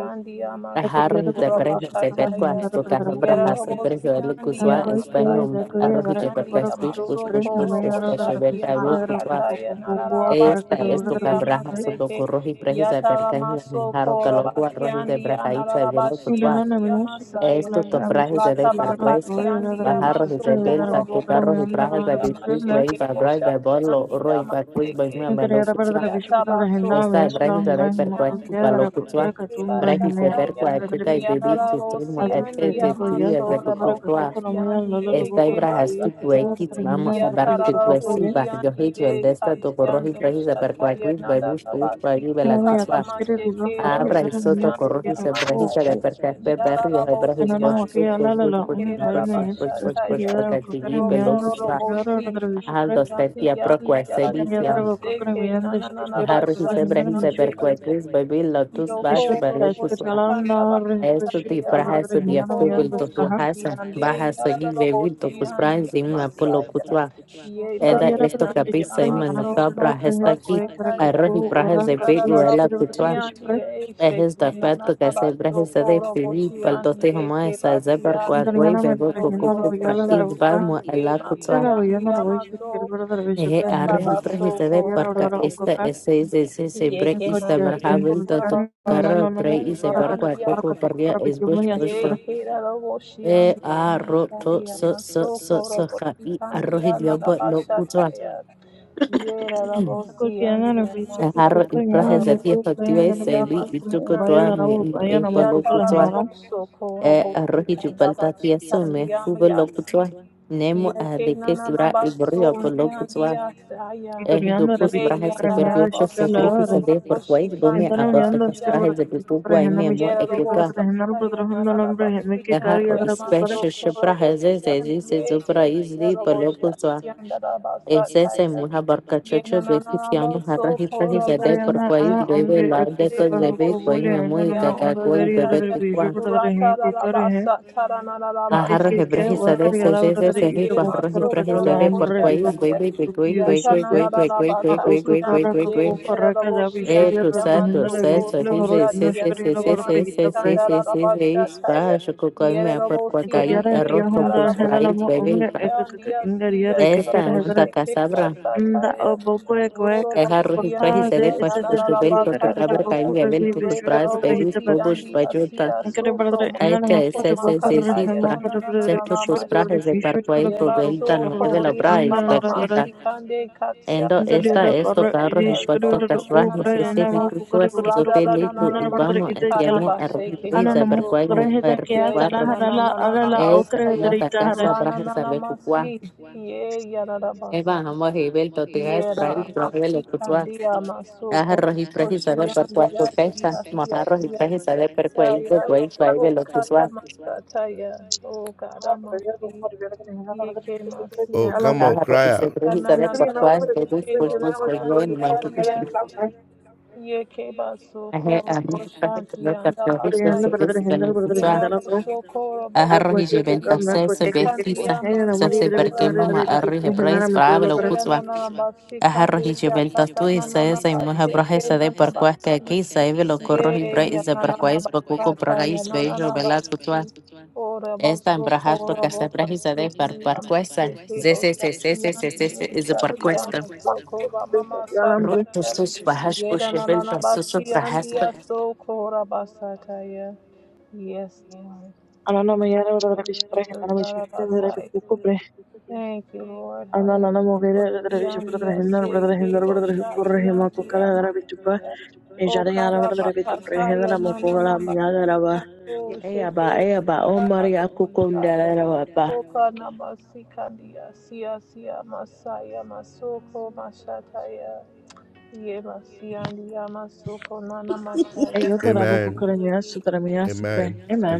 [SPEAKER 7] I
[SPEAKER 10] andiyamaso
[SPEAKER 7] could get a
[SPEAKER 2] Ajarro de
[SPEAKER 7] particular wish
[SPEAKER 2] prejes de
[SPEAKER 7] for
[SPEAKER 2] Berkua,
[SPEAKER 7] him
[SPEAKER 10] korobakataya
[SPEAKER 7] that the
[SPEAKER 2] toca
[SPEAKER 7] Pedro
[SPEAKER 2] abrajas de
[SPEAKER 7] Kulaku,
[SPEAKER 2] prejo el
[SPEAKER 10] Yarabosiandia
[SPEAKER 7] and
[SPEAKER 2] gusua,
[SPEAKER 7] quite
[SPEAKER 2] español,
[SPEAKER 10] Makaya
[SPEAKER 7] Kaya
[SPEAKER 2] arrojo de
[SPEAKER 7] Varakora
[SPEAKER 2] Berkas,
[SPEAKER 10] Katiandia
[SPEAKER 2] push,
[SPEAKER 7] Koto,
[SPEAKER 2] push, push,
[SPEAKER 7] Bring
[SPEAKER 10] Masoko
[SPEAKER 2] push,
[SPEAKER 7] Himayara
[SPEAKER 2] espacio de
[SPEAKER 10] Roboshakia
[SPEAKER 2] Tablo,
[SPEAKER 7] Pichupura,
[SPEAKER 10] Makataya
[SPEAKER 7] Kokoko,
[SPEAKER 2] Esta
[SPEAKER 7] Karakar,
[SPEAKER 2] es tu
[SPEAKER 10] Narabasiandia
[SPEAKER 2] cabraja,
[SPEAKER 7] Pichupre,
[SPEAKER 2] su
[SPEAKER 10] Maseke
[SPEAKER 2] docurruji, prejisa,
[SPEAKER 10] Yatara
[SPEAKER 2] percaja, jaro,
[SPEAKER 10] Masoko
[SPEAKER 2] calogua, rojis de
[SPEAKER 10] Rabakiandia
[SPEAKER 2] brajaiza, velo,
[SPEAKER 7] and an
[SPEAKER 2] cutua.
[SPEAKER 10] Narabashiandia
[SPEAKER 7] anonymous the
[SPEAKER 10] Masaya
[SPEAKER 2] Esto
[SPEAKER 7] Kukula,
[SPEAKER 2] to
[SPEAKER 7] I wish to
[SPEAKER 2] prajis de
[SPEAKER 7] clear the
[SPEAKER 2] percuesta.
[SPEAKER 7] Koya,
[SPEAKER 10] Latabakatiandia
[SPEAKER 7] another wish
[SPEAKER 2] Bajarro y
[SPEAKER 10] Masoko
[SPEAKER 2] rebelta, tu
[SPEAKER 7] for
[SPEAKER 2] carro y prajas de
[SPEAKER 7] a
[SPEAKER 10] Robokotiandia
[SPEAKER 2] bitwis,
[SPEAKER 7] Kukaram,
[SPEAKER 2] wey,
[SPEAKER 10] Masheke
[SPEAKER 2] bagrai, bebolo,
[SPEAKER 10] Boshakiandia
[SPEAKER 2] roi, bacuis,
[SPEAKER 10] Maseke
[SPEAKER 2] boimia, melo,
[SPEAKER 7] Increíble
[SPEAKER 2] cutua.
[SPEAKER 7] Bishop de
[SPEAKER 10] Yatabaso
[SPEAKER 7] Hindam,
[SPEAKER 2] Esta es brajis
[SPEAKER 7] Yaslam
[SPEAKER 2] de
[SPEAKER 7] Brahma
[SPEAKER 2] percuesta, valo,
[SPEAKER 7] Kukera
[SPEAKER 2] cutua.
[SPEAKER 7] Kukara Katum
[SPEAKER 2] Brajis
[SPEAKER 7] Brahma
[SPEAKER 2] de
[SPEAKER 10] Yandiyamastekebashataya,
[SPEAKER 7] Yasata
[SPEAKER 10] na
[SPEAKER 2] percua,
[SPEAKER 7] Brother
[SPEAKER 2] cuca y
[SPEAKER 7] Bishop
[SPEAKER 10] na
[SPEAKER 2] bebit, tu timo,
[SPEAKER 7] Azupre
[SPEAKER 2] etete,
[SPEAKER 7] Ingo
[SPEAKER 2] tías
[SPEAKER 7] Yasa
[SPEAKER 2] de tu
[SPEAKER 7] Kukara
[SPEAKER 2] cutua.
[SPEAKER 7] Katuka Namaya Lala
[SPEAKER 2] Está
[SPEAKER 7] Lubokuru to Yukuru
[SPEAKER 2] Ibrahasquitwequitz,
[SPEAKER 7] Brother
[SPEAKER 2] vamos
[SPEAKER 7] Hindam
[SPEAKER 2] a
[SPEAKER 7] Brother Hikopopo
[SPEAKER 2] Barquitwesi,
[SPEAKER 7] Ye
[SPEAKER 2] Barjohitz, Veldestato, Corrojit, Regis, Aperquaquit, Babush, Push, Bagui,
[SPEAKER 7] and only at the
[SPEAKER 2] Velacutzwa,
[SPEAKER 7] Skiri Diva Kori
[SPEAKER 2] Abra,
[SPEAKER 7] other
[SPEAKER 2] Soto,
[SPEAKER 7] Maki
[SPEAKER 2] Corrojis,
[SPEAKER 10] na
[SPEAKER 7] Ko
[SPEAKER 2] Ebrahisa, de Percaspe, Berrio,
[SPEAKER 7] and
[SPEAKER 2] Ebrahis, Bosch,
[SPEAKER 7] Anamaki
[SPEAKER 2] Push, Push, Push,
[SPEAKER 7] Alala
[SPEAKER 2] Push,
[SPEAKER 7] Um
[SPEAKER 2] Push,
[SPEAKER 7] Brahma
[SPEAKER 2] Push, Push,
[SPEAKER 7] Yasito
[SPEAKER 2] Push, Push,
[SPEAKER 10] yararabosyandieshekerarabashataya,
[SPEAKER 7] Skiri Kukari
[SPEAKER 2] Bacachigi,
[SPEAKER 7] Mianda
[SPEAKER 2] Pelocuswa,
[SPEAKER 7] Skiriora
[SPEAKER 10] rotororobosi,
[SPEAKER 7] Brother Bishop
[SPEAKER 2] Aldo,
[SPEAKER 7] and
[SPEAKER 2] Stetia, Proqua, Sebitiam,
[SPEAKER 7] Kanyadra Kukari
[SPEAKER 10] yantiyandiyandiyaseke,
[SPEAKER 7] Mianda Skiriora Brother
[SPEAKER 2] Harris,
[SPEAKER 7] Hindam
[SPEAKER 2] Ebrahis,
[SPEAKER 7] Mishuk
[SPEAKER 10] nanananabashatiyandiase-
[SPEAKER 2] Aperquaquit, Babil, Lotus,
[SPEAKER 7] I
[SPEAKER 2] Bash,
[SPEAKER 7] showed
[SPEAKER 10] Yokoro
[SPEAKER 7] that as a
[SPEAKER 10] boshi
[SPEAKER 7] child,
[SPEAKER 2] Velocuswa,
[SPEAKER 7] I
[SPEAKER 10] kanda bashi
[SPEAKER 7] was
[SPEAKER 2] Esto
[SPEAKER 7] shy
[SPEAKER 10] kandi
[SPEAKER 2] di
[SPEAKER 7] and
[SPEAKER 2] praha
[SPEAKER 7] reserved. But
[SPEAKER 2] se
[SPEAKER 10] amaso
[SPEAKER 2] di
[SPEAKER 7] now I
[SPEAKER 2] apfel
[SPEAKER 10] koro
[SPEAKER 7] am
[SPEAKER 10] boshi
[SPEAKER 7] different. I
[SPEAKER 10] handi
[SPEAKER 2] totohasa
[SPEAKER 10] ande
[SPEAKER 2] bahasa
[SPEAKER 10] yarara
[SPEAKER 2] gigi vidi
[SPEAKER 10] boshi
[SPEAKER 2] tokus
[SPEAKER 10] handi
[SPEAKER 2] praha zimu apolo
[SPEAKER 10] amasaya
[SPEAKER 2] kutswa.
[SPEAKER 10] ye
[SPEAKER 7] am
[SPEAKER 2] Edda
[SPEAKER 7] curious. I
[SPEAKER 10] bashi
[SPEAKER 2] esto
[SPEAKER 10] handi
[SPEAKER 2] kape se
[SPEAKER 7] am
[SPEAKER 10] amaso
[SPEAKER 2] imanovka
[SPEAKER 7] curious about
[SPEAKER 10] koro
[SPEAKER 2] praha
[SPEAKER 7] the
[SPEAKER 2] sta ki
[SPEAKER 10] basha kaya
[SPEAKER 2] arhi
[SPEAKER 7] world.
[SPEAKER 2] praha
[SPEAKER 7] I am
[SPEAKER 2] zepet
[SPEAKER 10] yandarara
[SPEAKER 7] curious
[SPEAKER 2] uella
[SPEAKER 7] about the
[SPEAKER 10] boshi
[SPEAKER 2] kutswa.
[SPEAKER 7] world.
[SPEAKER 10] handi e
[SPEAKER 2] Ehes
[SPEAKER 10] sheki
[SPEAKER 2] da peto
[SPEAKER 10] nanana
[SPEAKER 2] kese
[SPEAKER 10] basho
[SPEAKER 2] praha zade
[SPEAKER 10] koro
[SPEAKER 2] vidi
[SPEAKER 10] boshi
[SPEAKER 2] paldo
[SPEAKER 10] handi
[SPEAKER 2] te
[SPEAKER 10] ye
[SPEAKER 2] huma
[SPEAKER 10] ke
[SPEAKER 2] esa
[SPEAKER 10] bashi
[SPEAKER 2] zebra
[SPEAKER 7] I am
[SPEAKER 2] koa
[SPEAKER 10] handi
[SPEAKER 2] koi
[SPEAKER 7] curious
[SPEAKER 2] vebok
[SPEAKER 7] about the
[SPEAKER 10] amaso
[SPEAKER 2] kokoku
[SPEAKER 10] koro boshi
[SPEAKER 7] world.
[SPEAKER 2] pratibad
[SPEAKER 7] I
[SPEAKER 2] mu
[SPEAKER 10] handi ye
[SPEAKER 2] ala
[SPEAKER 7] am curious about the world. I am
[SPEAKER 10] bashi
[SPEAKER 2] kutswa.
[SPEAKER 10] handi
[SPEAKER 7] curious about
[SPEAKER 10] amaso
[SPEAKER 7] the world.
[SPEAKER 2] Ehe arhi
[SPEAKER 10] yatabaso
[SPEAKER 2] praha zade
[SPEAKER 10] koro
[SPEAKER 2] parka
[SPEAKER 10] boshi
[SPEAKER 2] esta
[SPEAKER 7] I
[SPEAKER 2] esse esse se break
[SPEAKER 7] am
[SPEAKER 10] Yeke
[SPEAKER 2] esta
[SPEAKER 10] masu
[SPEAKER 2] brhavel
[SPEAKER 7] curious
[SPEAKER 10] kora
[SPEAKER 2] toto
[SPEAKER 10] bashi
[SPEAKER 2] kara prahi se
[SPEAKER 10] andi
[SPEAKER 2] parkoa
[SPEAKER 10] andi
[SPEAKER 2] kokoku
[SPEAKER 10] asi.
[SPEAKER 2] prvi aizbush bush par.
[SPEAKER 10] Yeke da da boshi
[SPEAKER 2] E
[SPEAKER 10] andi
[SPEAKER 2] arro to
[SPEAKER 10] amasaya
[SPEAKER 2] so so
[SPEAKER 10] masu
[SPEAKER 2] so
[SPEAKER 10] kora
[SPEAKER 2] so ja
[SPEAKER 10] boshi
[SPEAKER 2] y
[SPEAKER 10] kandi
[SPEAKER 2] arroz y
[SPEAKER 10] ana da
[SPEAKER 2] liobo no
[SPEAKER 10] basha
[SPEAKER 2] cuto a
[SPEAKER 10] taya. Ye da da boshi andi amasa
[SPEAKER 2] jarro y
[SPEAKER 10] taya da
[SPEAKER 2] praje
[SPEAKER 10] da
[SPEAKER 2] se tía
[SPEAKER 10] boshi
[SPEAKER 2] factiva y
[SPEAKER 10] andi
[SPEAKER 2] se vi y
[SPEAKER 10] amasi
[SPEAKER 2] tuco toa
[SPEAKER 10] kandi.
[SPEAKER 2] mi no e
[SPEAKER 7] about
[SPEAKER 10] Ya
[SPEAKER 2] polo
[SPEAKER 7] the
[SPEAKER 2] cuto
[SPEAKER 10] da
[SPEAKER 2] a
[SPEAKER 7] world.
[SPEAKER 10] boso kora
[SPEAKER 2] e
[SPEAKER 10] boshi
[SPEAKER 2] arroz y
[SPEAKER 10] kanda
[SPEAKER 2] chupalta tía
[SPEAKER 10] bashi kandi
[SPEAKER 2] sume fubo lo cuto
[SPEAKER 10] amayasi.
[SPEAKER 2] a
[SPEAKER 10] Ye
[SPEAKER 2] nemo a
[SPEAKER 10] ke
[SPEAKER 2] de
[SPEAKER 10] na
[SPEAKER 2] que
[SPEAKER 10] na na
[SPEAKER 2] sura
[SPEAKER 10] ba
[SPEAKER 2] y
[SPEAKER 10] so
[SPEAKER 2] borrio
[SPEAKER 10] nya
[SPEAKER 2] polo
[SPEAKER 10] dia
[SPEAKER 2] cuto a
[SPEAKER 10] nyandia saya.
[SPEAKER 2] e do
[SPEAKER 7] Itoryanda
[SPEAKER 2] cus
[SPEAKER 10] Ye
[SPEAKER 7] rabituka
[SPEAKER 2] braje
[SPEAKER 10] ya
[SPEAKER 2] se
[SPEAKER 10] na na
[SPEAKER 2] perdió
[SPEAKER 10] na
[SPEAKER 7] Crimea
[SPEAKER 10] ba
[SPEAKER 2] so se
[SPEAKER 10] so
[SPEAKER 2] grigi
[SPEAKER 7] Shipyard,
[SPEAKER 2] se de
[SPEAKER 10] korobo
[SPEAKER 2] por cuais bome a
[SPEAKER 10] shikandia
[SPEAKER 2] borto
[SPEAKER 7] Itoryanda
[SPEAKER 2] cas
[SPEAKER 10] dia
[SPEAKER 7] Shipyard
[SPEAKER 2] braje se
[SPEAKER 10] dia.
[SPEAKER 7] rabituka
[SPEAKER 2] pico guay
[SPEAKER 7] Prahina
[SPEAKER 2] memo
[SPEAKER 10] Ye na
[SPEAKER 2] e
[SPEAKER 10] na
[SPEAKER 7] Mishpir
[SPEAKER 10] bo
[SPEAKER 2] cuca
[SPEAKER 10] sa
[SPEAKER 7] Prahina
[SPEAKER 10] ta ya na
[SPEAKER 7] Prahina
[SPEAKER 10] na na ba
[SPEAKER 7] Lambrahina
[SPEAKER 10] si
[SPEAKER 2] e
[SPEAKER 7] Kikari
[SPEAKER 2] jarro
[SPEAKER 10] kandia
[SPEAKER 2] y
[SPEAKER 7] Adra
[SPEAKER 10] ma
[SPEAKER 7] Kukara,
[SPEAKER 10] so
[SPEAKER 2] special se
[SPEAKER 10] korobo
[SPEAKER 2] braje se se se
[SPEAKER 10] shikandia.
[SPEAKER 2] se
[SPEAKER 10] Ye ke
[SPEAKER 2] zubra y
[SPEAKER 10] ke na
[SPEAKER 2] zli
[SPEAKER 10] na bo
[SPEAKER 2] polo
[SPEAKER 10] sha
[SPEAKER 2] cuto
[SPEAKER 10] ya na na ba sa ta
[SPEAKER 2] Esese
[SPEAKER 10] ya.
[SPEAKER 2] muha
[SPEAKER 10] Ye
[SPEAKER 2] barkachocho
[SPEAKER 10] na na na
[SPEAKER 2] beku
[SPEAKER 10] na ba
[SPEAKER 2] kiamu harra
[SPEAKER 10] so
[SPEAKER 2] hipa
[SPEAKER 10] korobo
[SPEAKER 2] hizade por
[SPEAKER 7] Kukarayana
[SPEAKER 2] kwaiz
[SPEAKER 7] A
[SPEAKER 2] bebe
[SPEAKER 7] Unge
[SPEAKER 10] Yere
[SPEAKER 2] laade ko
[SPEAKER 7] Kukapahu
[SPEAKER 2] zebe kwai
[SPEAKER 7] Bole and
[SPEAKER 2] memu
[SPEAKER 7] Nama
[SPEAKER 2] ikaka
[SPEAKER 7] Unga
[SPEAKER 2] kwai
[SPEAKER 7] very
[SPEAKER 2] bebe
[SPEAKER 7] other Viju
[SPEAKER 2] kukwa.
[SPEAKER 7] Prahina Kukare,
[SPEAKER 2] Aharra hebra
[SPEAKER 7] Kikika,
[SPEAKER 2] hizade
[SPEAKER 7] Wakari
[SPEAKER 2] sesese
[SPEAKER 7] Alavadari
[SPEAKER 2] sehi
[SPEAKER 7] Itaboku
[SPEAKER 2] parra hipra
[SPEAKER 7] Karakatola
[SPEAKER 2] hizade por
[SPEAKER 7] Umbre
[SPEAKER 2] kwaiz
[SPEAKER 7] Iboku
[SPEAKER 2] bebe que Koi
[SPEAKER 7] Kupi
[SPEAKER 2] Koi Koi
[SPEAKER 7] Vishika,
[SPEAKER 2] Koi Koi Koi Koi Koi Koi Koi
[SPEAKER 7] Ukakara
[SPEAKER 2] Koi Koi
[SPEAKER 7] Kaku Karaka Davi
[SPEAKER 2] E
[SPEAKER 7] Shiria
[SPEAKER 2] tu sa tu
[SPEAKER 7] Prahina
[SPEAKER 2] se so
[SPEAKER 7] Visula Horo
[SPEAKER 2] hize se se
[SPEAKER 7] Inushkari
[SPEAKER 2] se se se
[SPEAKER 7] Rabadra
[SPEAKER 2] se se se se se se ispa shoko Koi mea por kwakai
[SPEAKER 7] Ikodiara
[SPEAKER 2] arroz
[SPEAKER 7] diahonda
[SPEAKER 2] topos brais
[SPEAKER 7] hedalamo
[SPEAKER 2] bebe
[SPEAKER 7] unge
[SPEAKER 2] ilpa.
[SPEAKER 7] ekakak ingerier ekikier
[SPEAKER 2] Esta
[SPEAKER 7] hedere
[SPEAKER 2] monta
[SPEAKER 7] nda oboko ekwe kakak
[SPEAKER 2] Errar os
[SPEAKER 7] pakha
[SPEAKER 2] praias de
[SPEAKER 7] de
[SPEAKER 10] Rorobosiandia,
[SPEAKER 2] depois
[SPEAKER 7] esese
[SPEAKER 2] os
[SPEAKER 7] hedre
[SPEAKER 2] velhos do
[SPEAKER 7] bakara de
[SPEAKER 2] cabra
[SPEAKER 10] Nadarabakataya,
[SPEAKER 7] boko
[SPEAKER 2] caiu
[SPEAKER 7] de
[SPEAKER 2] evento dos
[SPEAKER 7] bishure
[SPEAKER 2] praias
[SPEAKER 7] bakara
[SPEAKER 2] pelos
[SPEAKER 7] hitaba
[SPEAKER 2] povos
[SPEAKER 10] Rederobosiandia,
[SPEAKER 2] vajuta
[SPEAKER 10] Sia,
[SPEAKER 7] inkere
[SPEAKER 10] Soso,
[SPEAKER 7] bakara inna na
[SPEAKER 2] até
[SPEAKER 10] Masoko,
[SPEAKER 7] hakka de boko re
[SPEAKER 2] SSC
[SPEAKER 10] Makataya,
[SPEAKER 7] hema
[SPEAKER 2] para
[SPEAKER 7] kare bakara
[SPEAKER 2] certo
[SPEAKER 7] ishkir
[SPEAKER 2] os
[SPEAKER 10] Nananananama,
[SPEAKER 7] bakara
[SPEAKER 2] praias de
[SPEAKER 7] ishur kare
[SPEAKER 2] parquais do
[SPEAKER 10] Yeba,
[SPEAKER 7] bakara
[SPEAKER 2] velho
[SPEAKER 10] so
[SPEAKER 7] kukar
[SPEAKER 2] nueve
[SPEAKER 7] bakara
[SPEAKER 2] la
[SPEAKER 10] Rian,
[SPEAKER 2] praia
[SPEAKER 7] inna na
[SPEAKER 10] Baba,
[SPEAKER 7] ra ra
[SPEAKER 2] expectativa
[SPEAKER 10] Masikande, Katia,
[SPEAKER 2] endo
[SPEAKER 7] inda de
[SPEAKER 10] Sia,
[SPEAKER 2] esta
[SPEAKER 7] da kar
[SPEAKER 2] esto
[SPEAKER 10] Sia,
[SPEAKER 2] carro
[SPEAKER 10] Sia,
[SPEAKER 2] e
[SPEAKER 7] ishkir
[SPEAKER 2] quatro
[SPEAKER 10] So,
[SPEAKER 7] bakara u
[SPEAKER 2] casvas e
[SPEAKER 7] kare
[SPEAKER 2] se
[SPEAKER 7] inna
[SPEAKER 2] se
[SPEAKER 7] mo
[SPEAKER 10] Nananananama,
[SPEAKER 2] ficou
[SPEAKER 7] kukar kare
[SPEAKER 2] assim o
[SPEAKER 7] kare bakara
[SPEAKER 2] pelito
[SPEAKER 7] inna na
[SPEAKER 10] Radadanananama,
[SPEAKER 7] bakara
[SPEAKER 2] vamos a
[SPEAKER 7] ide kala
[SPEAKER 2] tiamo
[SPEAKER 10] Sikanaba,
[SPEAKER 2] errar os
[SPEAKER 10] Sheke,
[SPEAKER 7] ana
[SPEAKER 2] praias de
[SPEAKER 7] na mo
[SPEAKER 2] parquais
[SPEAKER 7] kukar
[SPEAKER 2] me
[SPEAKER 10] Soko,
[SPEAKER 7] heda
[SPEAKER 2] errar
[SPEAKER 7] kya
[SPEAKER 10] Ye,
[SPEAKER 7] tala
[SPEAKER 2] quatro
[SPEAKER 7] harala arala
[SPEAKER 10] Nananananama,
[SPEAKER 2] esta
[SPEAKER 7] okre
[SPEAKER 10] Saya,
[SPEAKER 7] hedre
[SPEAKER 2] manta
[SPEAKER 7] ita
[SPEAKER 2] casa praias sabe
[SPEAKER 10] Ranananama,
[SPEAKER 2] cuco
[SPEAKER 10] Si, Ye,
[SPEAKER 2] Eva,
[SPEAKER 10] Yadarabasa.
[SPEAKER 2] hamo hebel to te has
[SPEAKER 10] Yera
[SPEAKER 2] price prohibel
[SPEAKER 10] basi
[SPEAKER 2] lo putua.
[SPEAKER 10] kandia
[SPEAKER 2] Ah,
[SPEAKER 10] masoko
[SPEAKER 2] rohi prehi sabe per
[SPEAKER 10] oshiandi
[SPEAKER 2] cuanto
[SPEAKER 10] sia
[SPEAKER 2] fecha.
[SPEAKER 10] sia sia
[SPEAKER 2] Mota rohi
[SPEAKER 10] sia
[SPEAKER 2] prehi sabe per
[SPEAKER 10] sia
[SPEAKER 2] cuel de
[SPEAKER 10] ya
[SPEAKER 7] hara
[SPEAKER 2] cuel
[SPEAKER 10] o
[SPEAKER 2] suave lo
[SPEAKER 10] kata
[SPEAKER 2] putua.
[SPEAKER 10] masata ya o
[SPEAKER 7] Ella era la
[SPEAKER 10] kada masi
[SPEAKER 7] madre
[SPEAKER 10] yeke masi
[SPEAKER 2] Ah,
[SPEAKER 10] andi
[SPEAKER 2] rohi se prehi sabe
[SPEAKER 10] kanana
[SPEAKER 2] per
[SPEAKER 10] na
[SPEAKER 2] cual de
[SPEAKER 10] basi
[SPEAKER 7] de tu
[SPEAKER 2] bus
[SPEAKER 10] ke
[SPEAKER 2] bus bus de yo
[SPEAKER 10] oshiandi
[SPEAKER 2] en my
[SPEAKER 10] andi
[SPEAKER 2] tutus.
[SPEAKER 10] yasi yeke
[SPEAKER 2] Ah,
[SPEAKER 10] basoko
[SPEAKER 2] amo prehi
[SPEAKER 10] oshanti
[SPEAKER 2] sabe per
[SPEAKER 10] anda
[SPEAKER 2] cuel se
[SPEAKER 10] basaya
[SPEAKER 2] se de lo putua.
[SPEAKER 10] Yarabasokora
[SPEAKER 2] Ah, rohi
[SPEAKER 10] bakuda
[SPEAKER 2] jebel
[SPEAKER 10] mama
[SPEAKER 2] tase se
[SPEAKER 10] kandiya
[SPEAKER 2] vestiza. Se se per
[SPEAKER 10] masokora
[SPEAKER 2] que mama arri
[SPEAKER 10] bakataya.
[SPEAKER 2] hebrais brave lo
[SPEAKER 10] Yera
[SPEAKER 2] Cutua.
[SPEAKER 10] nana basi
[SPEAKER 2] aharroj
[SPEAKER 10] kandiya tata
[SPEAKER 2] ichiveltohtui se
[SPEAKER 10] nana
[SPEAKER 2] saimuha
[SPEAKER 10] basi
[SPEAKER 2] brahe
[SPEAKER 10] ke
[SPEAKER 2] sede
[SPEAKER 10] nana
[SPEAKER 2] parkuah
[SPEAKER 10] basi.
[SPEAKER 2] kaki saibelo korroj
[SPEAKER 10] Ye
[SPEAKER 2] ibra
[SPEAKER 10] ya
[SPEAKER 2] isa
[SPEAKER 10] nana
[SPEAKER 2] parkuais bakuko
[SPEAKER 10] bakataya
[SPEAKER 2] pragais beijo
[SPEAKER 10] nana
[SPEAKER 2] velas kutua
[SPEAKER 10] basi. Ora
[SPEAKER 2] esta embrahat to
[SPEAKER 10] basokora
[SPEAKER 2] casa brahi sede par
[SPEAKER 10] basatiyandi
[SPEAKER 2] parkuesa
[SPEAKER 10] amaseke
[SPEAKER 2] zese se se se se
[SPEAKER 10] basatiyandi
[SPEAKER 2] se se
[SPEAKER 10] ye
[SPEAKER 2] is a
[SPEAKER 10] satiya
[SPEAKER 2] parkuesta
[SPEAKER 10] masokora mama
[SPEAKER 2] ro to
[SPEAKER 10] sataya.
[SPEAKER 2] sus bahash po
[SPEAKER 10] Yera
[SPEAKER 2] shevel
[SPEAKER 10] nana
[SPEAKER 2] to sus
[SPEAKER 10] basi
[SPEAKER 2] brahas pa
[SPEAKER 10] andiya sokora basataya. Yes, Lord. Thank you, Jesus. Zarabasaya. Thank you, Lord. Hallelujah. Tiandia, say, Gabo, Shatiandia, Masaya. O
[SPEAKER 7] prejeda,
[SPEAKER 10] Karabakataya,
[SPEAKER 7] la mocoga, la
[SPEAKER 10] Nanana,
[SPEAKER 7] amiga de la
[SPEAKER 10] Makando,
[SPEAKER 7] Ella ba,
[SPEAKER 10] Sheke,
[SPEAKER 7] Eyaba, ba. oh Maria,
[SPEAKER 10] Zaraya, Masaya.
[SPEAKER 7] kukundalera wapa.
[SPEAKER 10] O Kanamasikandia, Sia, Sia, Masaya, Masoko, Mashataya. Ye, Masiandia, Masoko, Nana, Mashaya,
[SPEAKER 7] Eyo tada
[SPEAKER 10] Nana,
[SPEAKER 7] buku kere
[SPEAKER 10] Masi.
[SPEAKER 7] miyasu tada miyasu pre. Amen.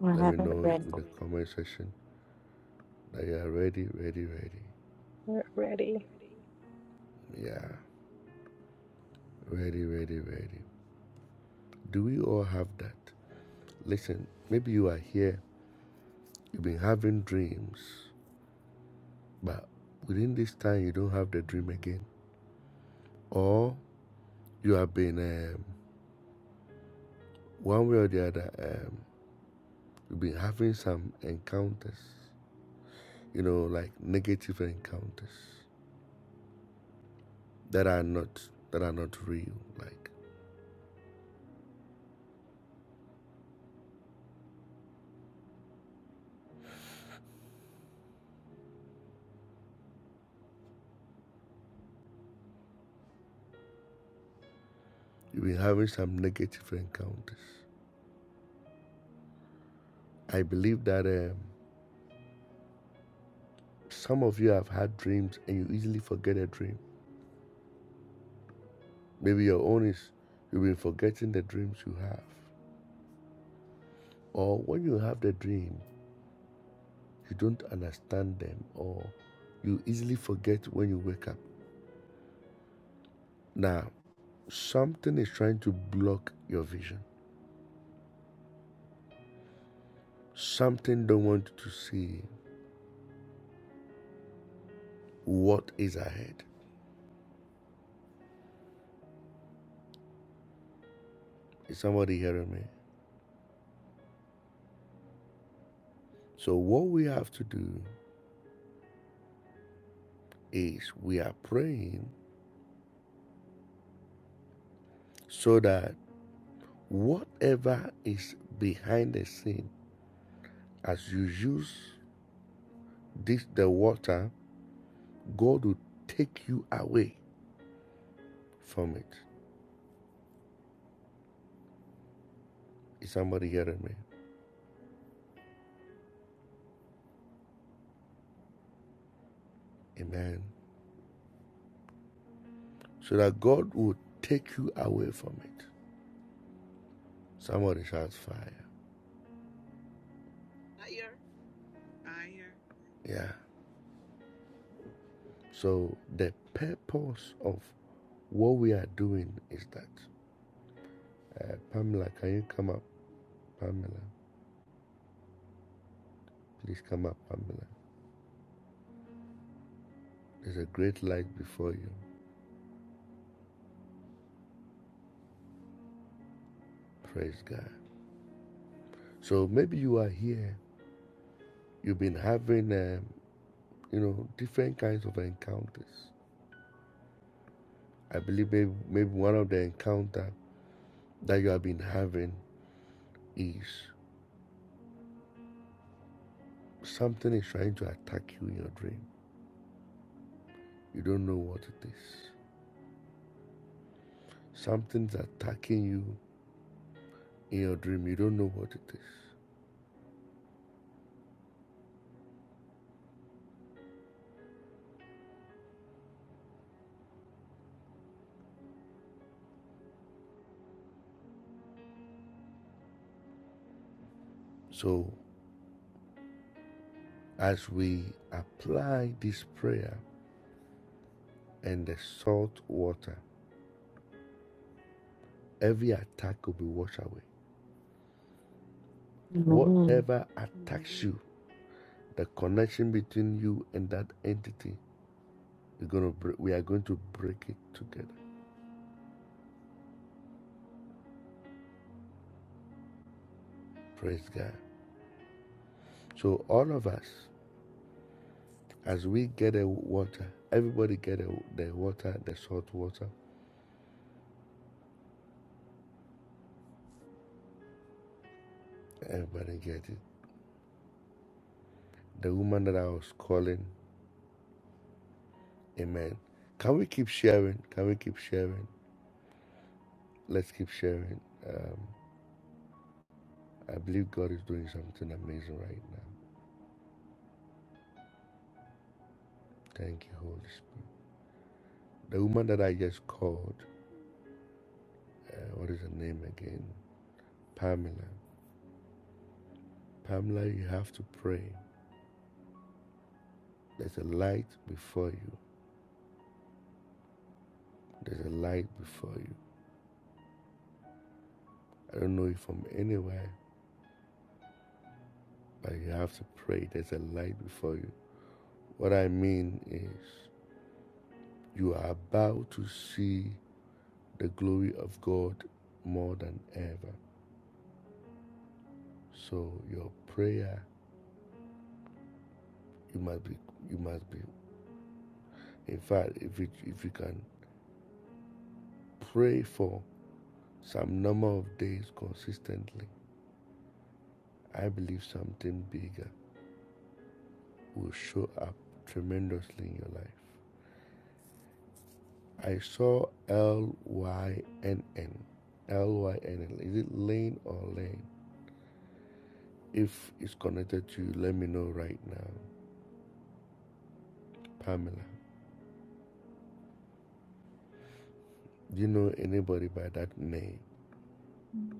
[SPEAKER 2] fire
[SPEAKER 10] We're ready.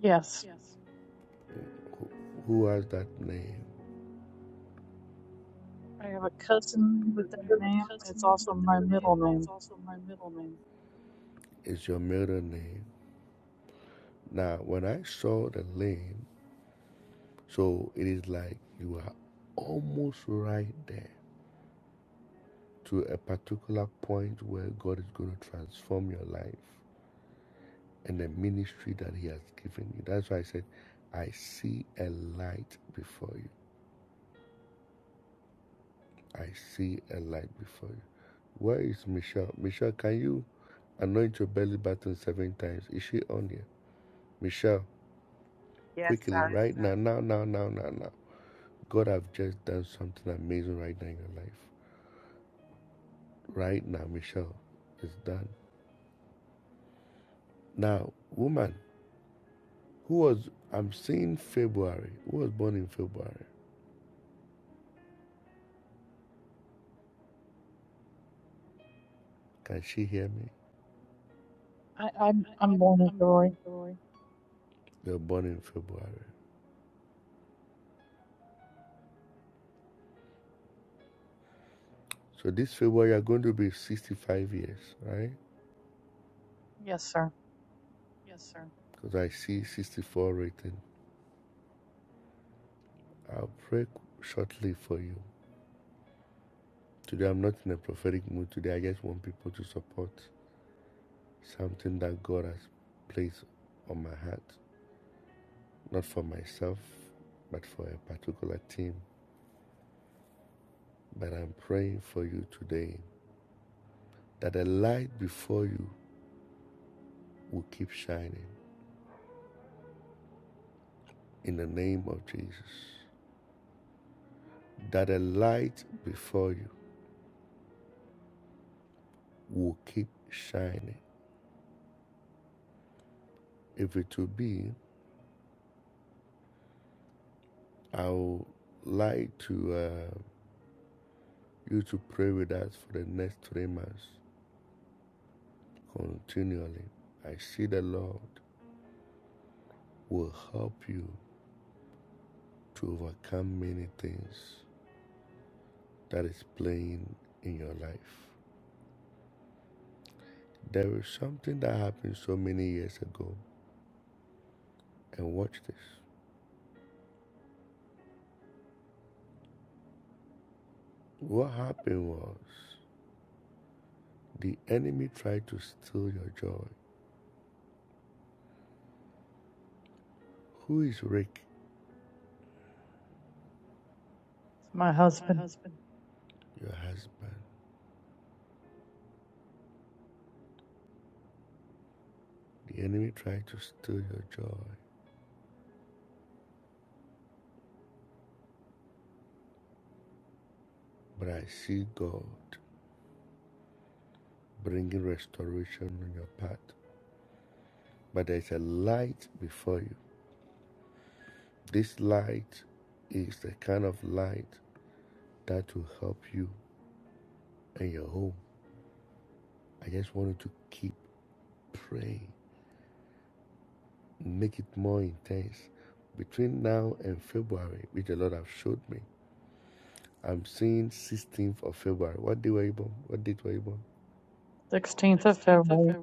[SPEAKER 11] Yes, I have a cousin with that name. It's also my middle name.
[SPEAKER 4] Yes, sir.
[SPEAKER 11] I, I'm I'm born in February. Yes, sir. My husband, 16th of February.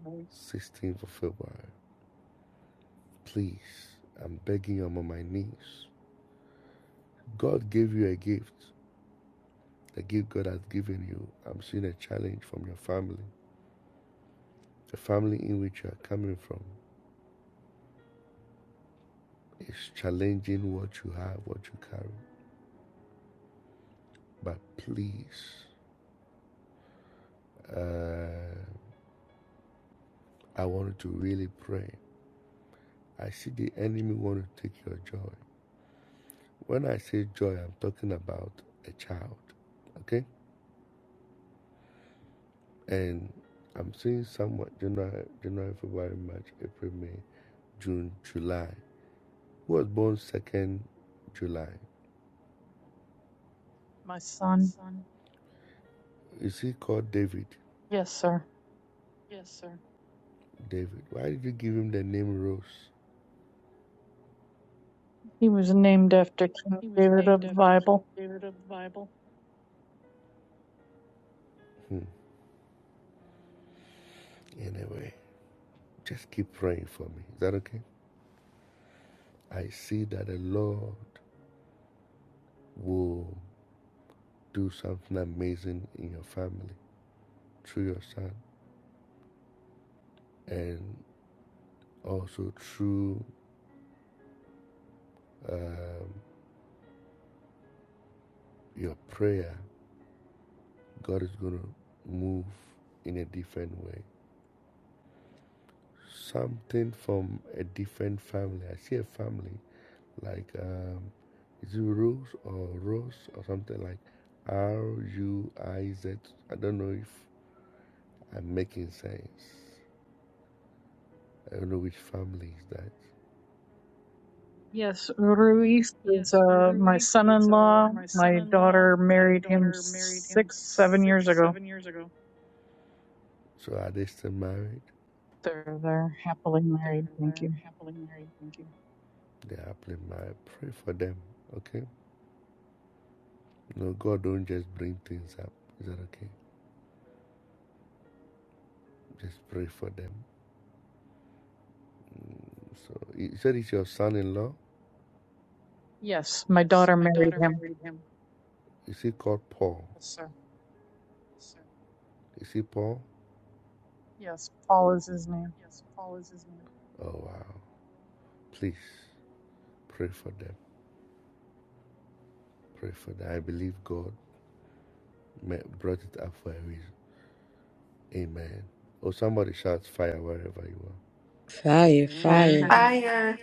[SPEAKER 11] My son. Yes, sir. He was named after King David of the Bible. Yes, Ruiz is uh, my son-in-law. My daughter married him six, seven years ago. They're they're happily married. Thank you. Yes, my daughter married him. Yes, sir. Yes, Paul is his name.
[SPEAKER 6] Fire, fire.
[SPEAKER 5] Fire.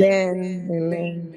[SPEAKER 9] Amen. Amen.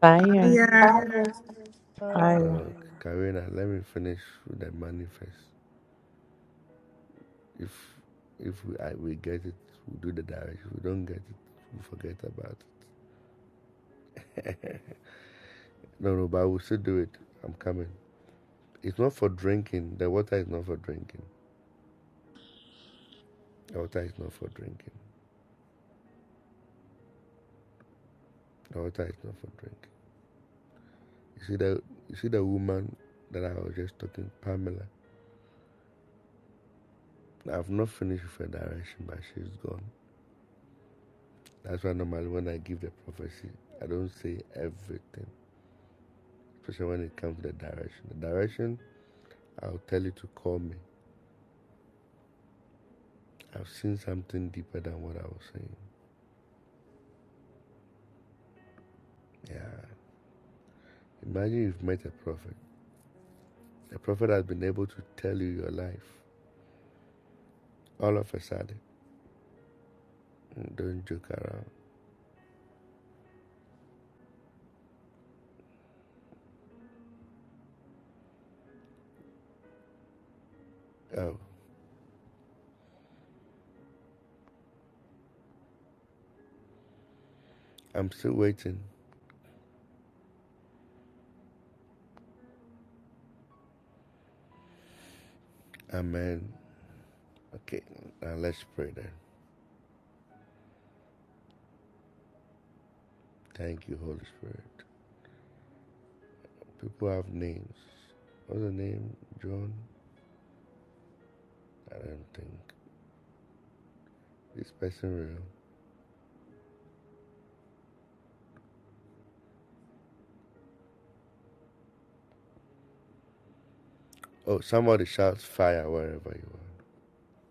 [SPEAKER 2] fire
[SPEAKER 12] Hiya,
[SPEAKER 5] Fire.
[SPEAKER 6] Fire.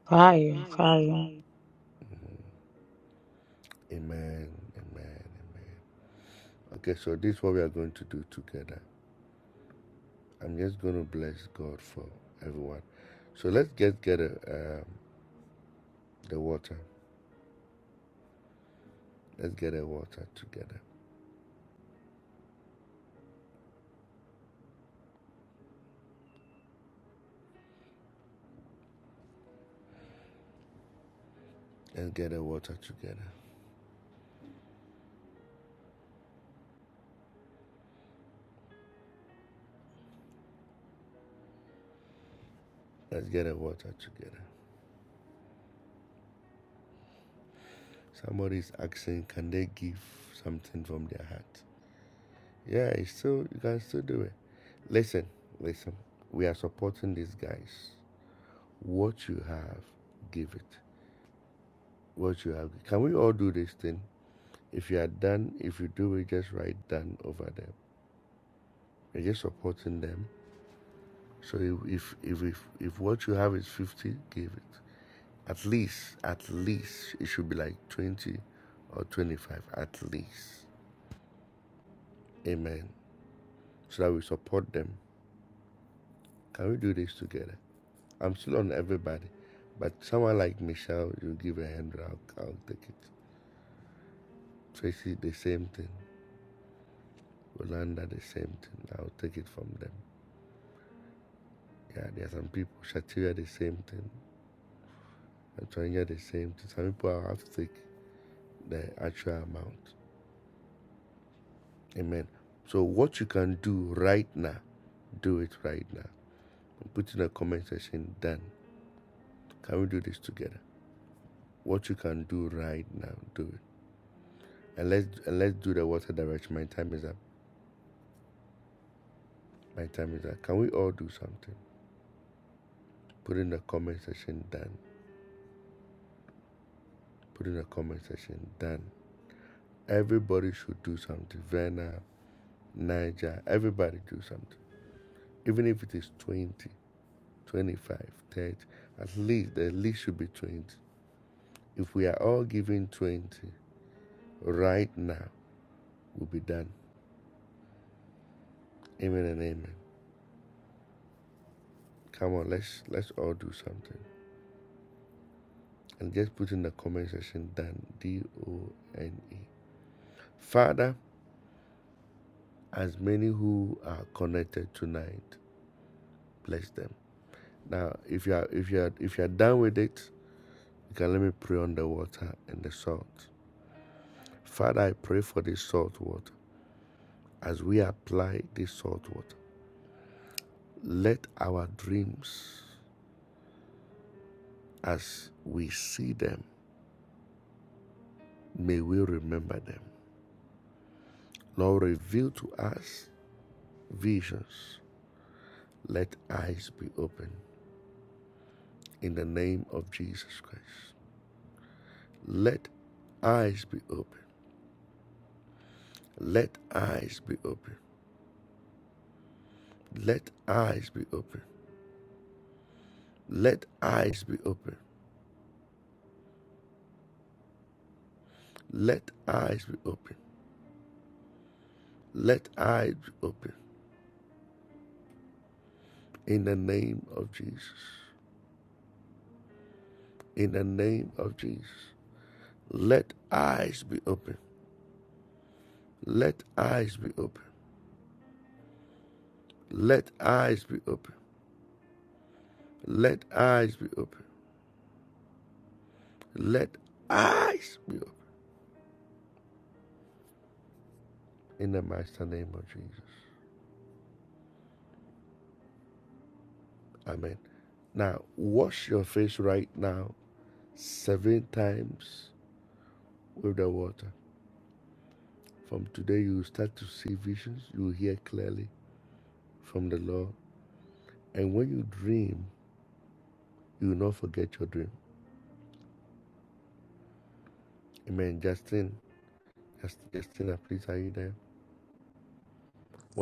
[SPEAKER 6] Fire. Fire.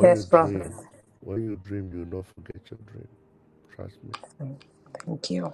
[SPEAKER 9] Yes, prophet. Thank you.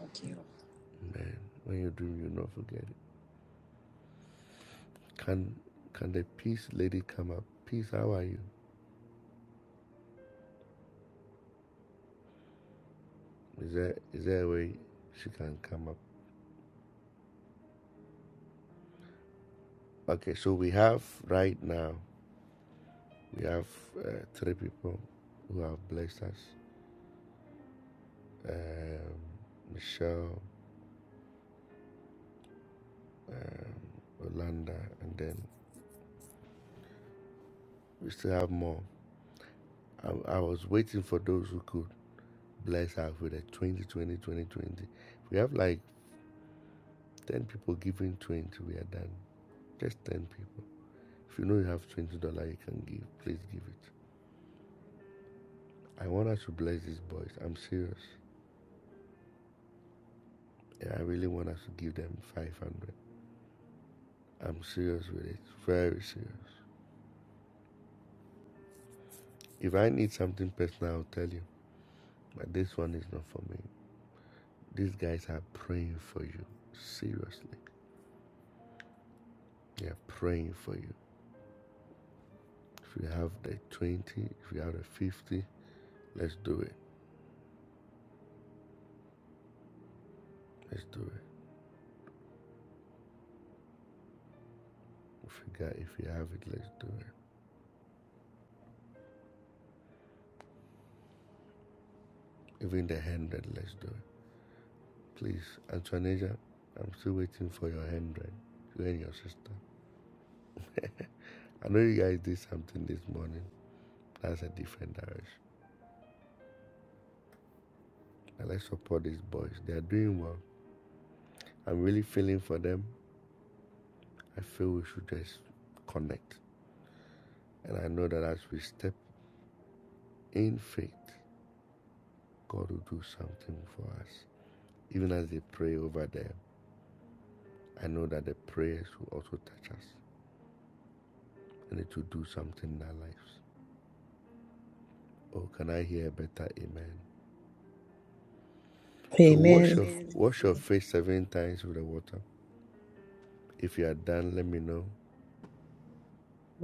[SPEAKER 9] Amen.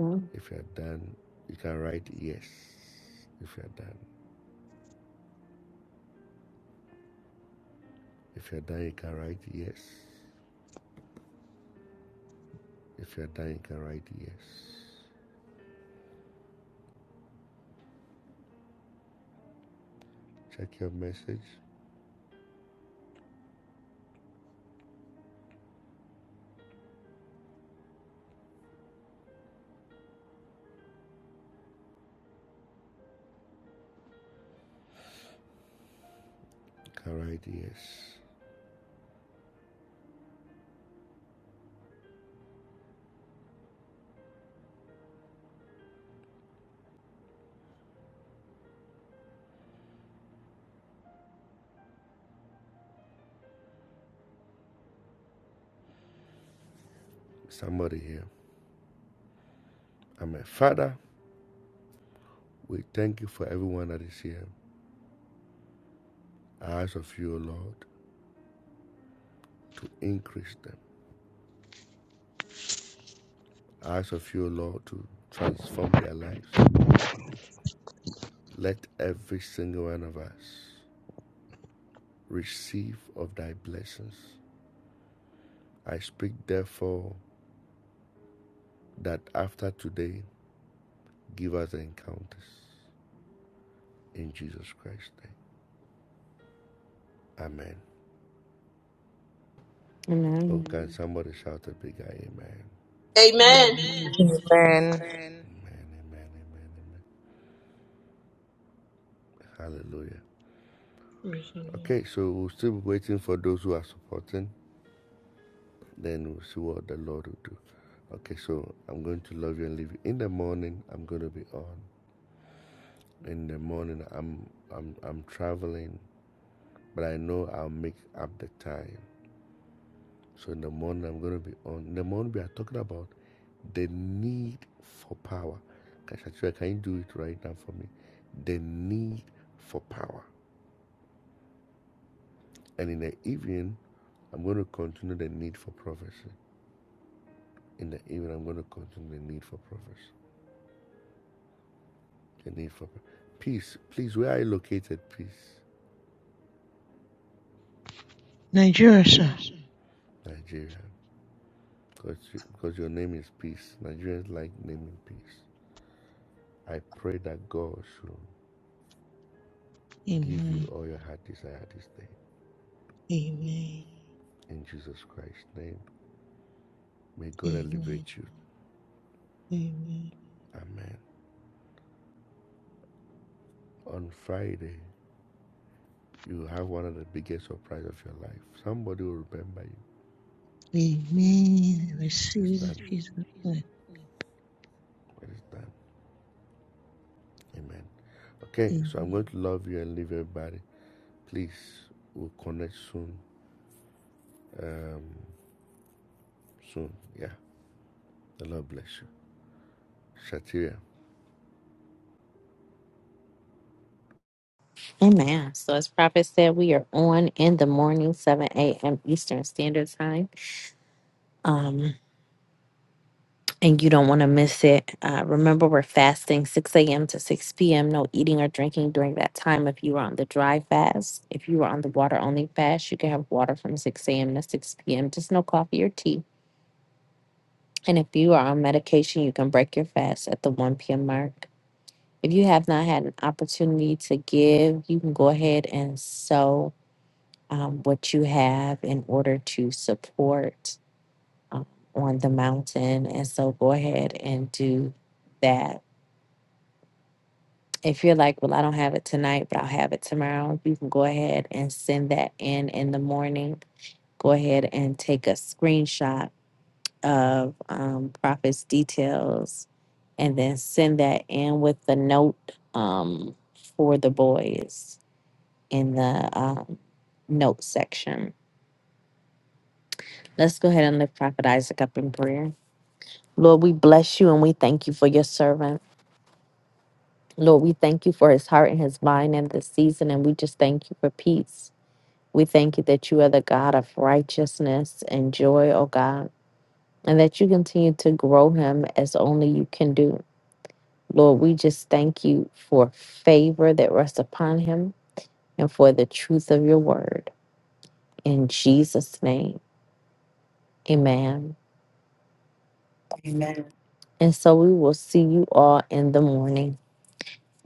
[SPEAKER 2] Mm. Amen.
[SPEAKER 13] Amen.
[SPEAKER 9] Amen.
[SPEAKER 13] Praise the Lord. Nigeria, sir. Amen. Amen. Amen. Amen. Amen. I receive in Jesus' name.
[SPEAKER 2] Amen. So as prophet said, we are on in the morning, 7 a.m. Eastern Standard Time. Um, and you don't want to miss it. Uh, remember, we're fasting 6 a.m. to 6 p.m. No eating or drinking during that time. If you are on the dry fast, if you are on the water only fast, you can have water from 6 a.m. to 6 p.m. Just no coffee or tea. And if you are on medication, you can break your fast at the 1 p.m. mark. If you have not had an opportunity to give, you can go ahead and sow um, what you have in order to support um, on the mountain. And so go ahead and do that If you're like, well, I don't have it tonight, but I'll have it tomorrow, you can go ahead and send that in in the morning. Go ahead and take a screenshot of um, Prophet's details and then send that in with the note um, for the boys in the um, note section. Let's go ahead and lift Prophet Isaac up in prayer. Lord, we bless you and we thank you for your servant. Lord, we thank you for his heart and his mind in this season, and we just thank you for peace. We thank you that you are the God of righteousness and joy, oh God, and that you continue to grow him as only you can do. Lord, we just thank you for favor that rests upon him and for the truth of your word. In Jesus' name, amen. Amen. And so we will see you all in the morning.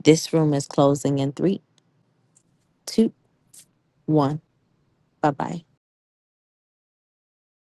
[SPEAKER 2] This room is closing in three, two, one. Bye bye.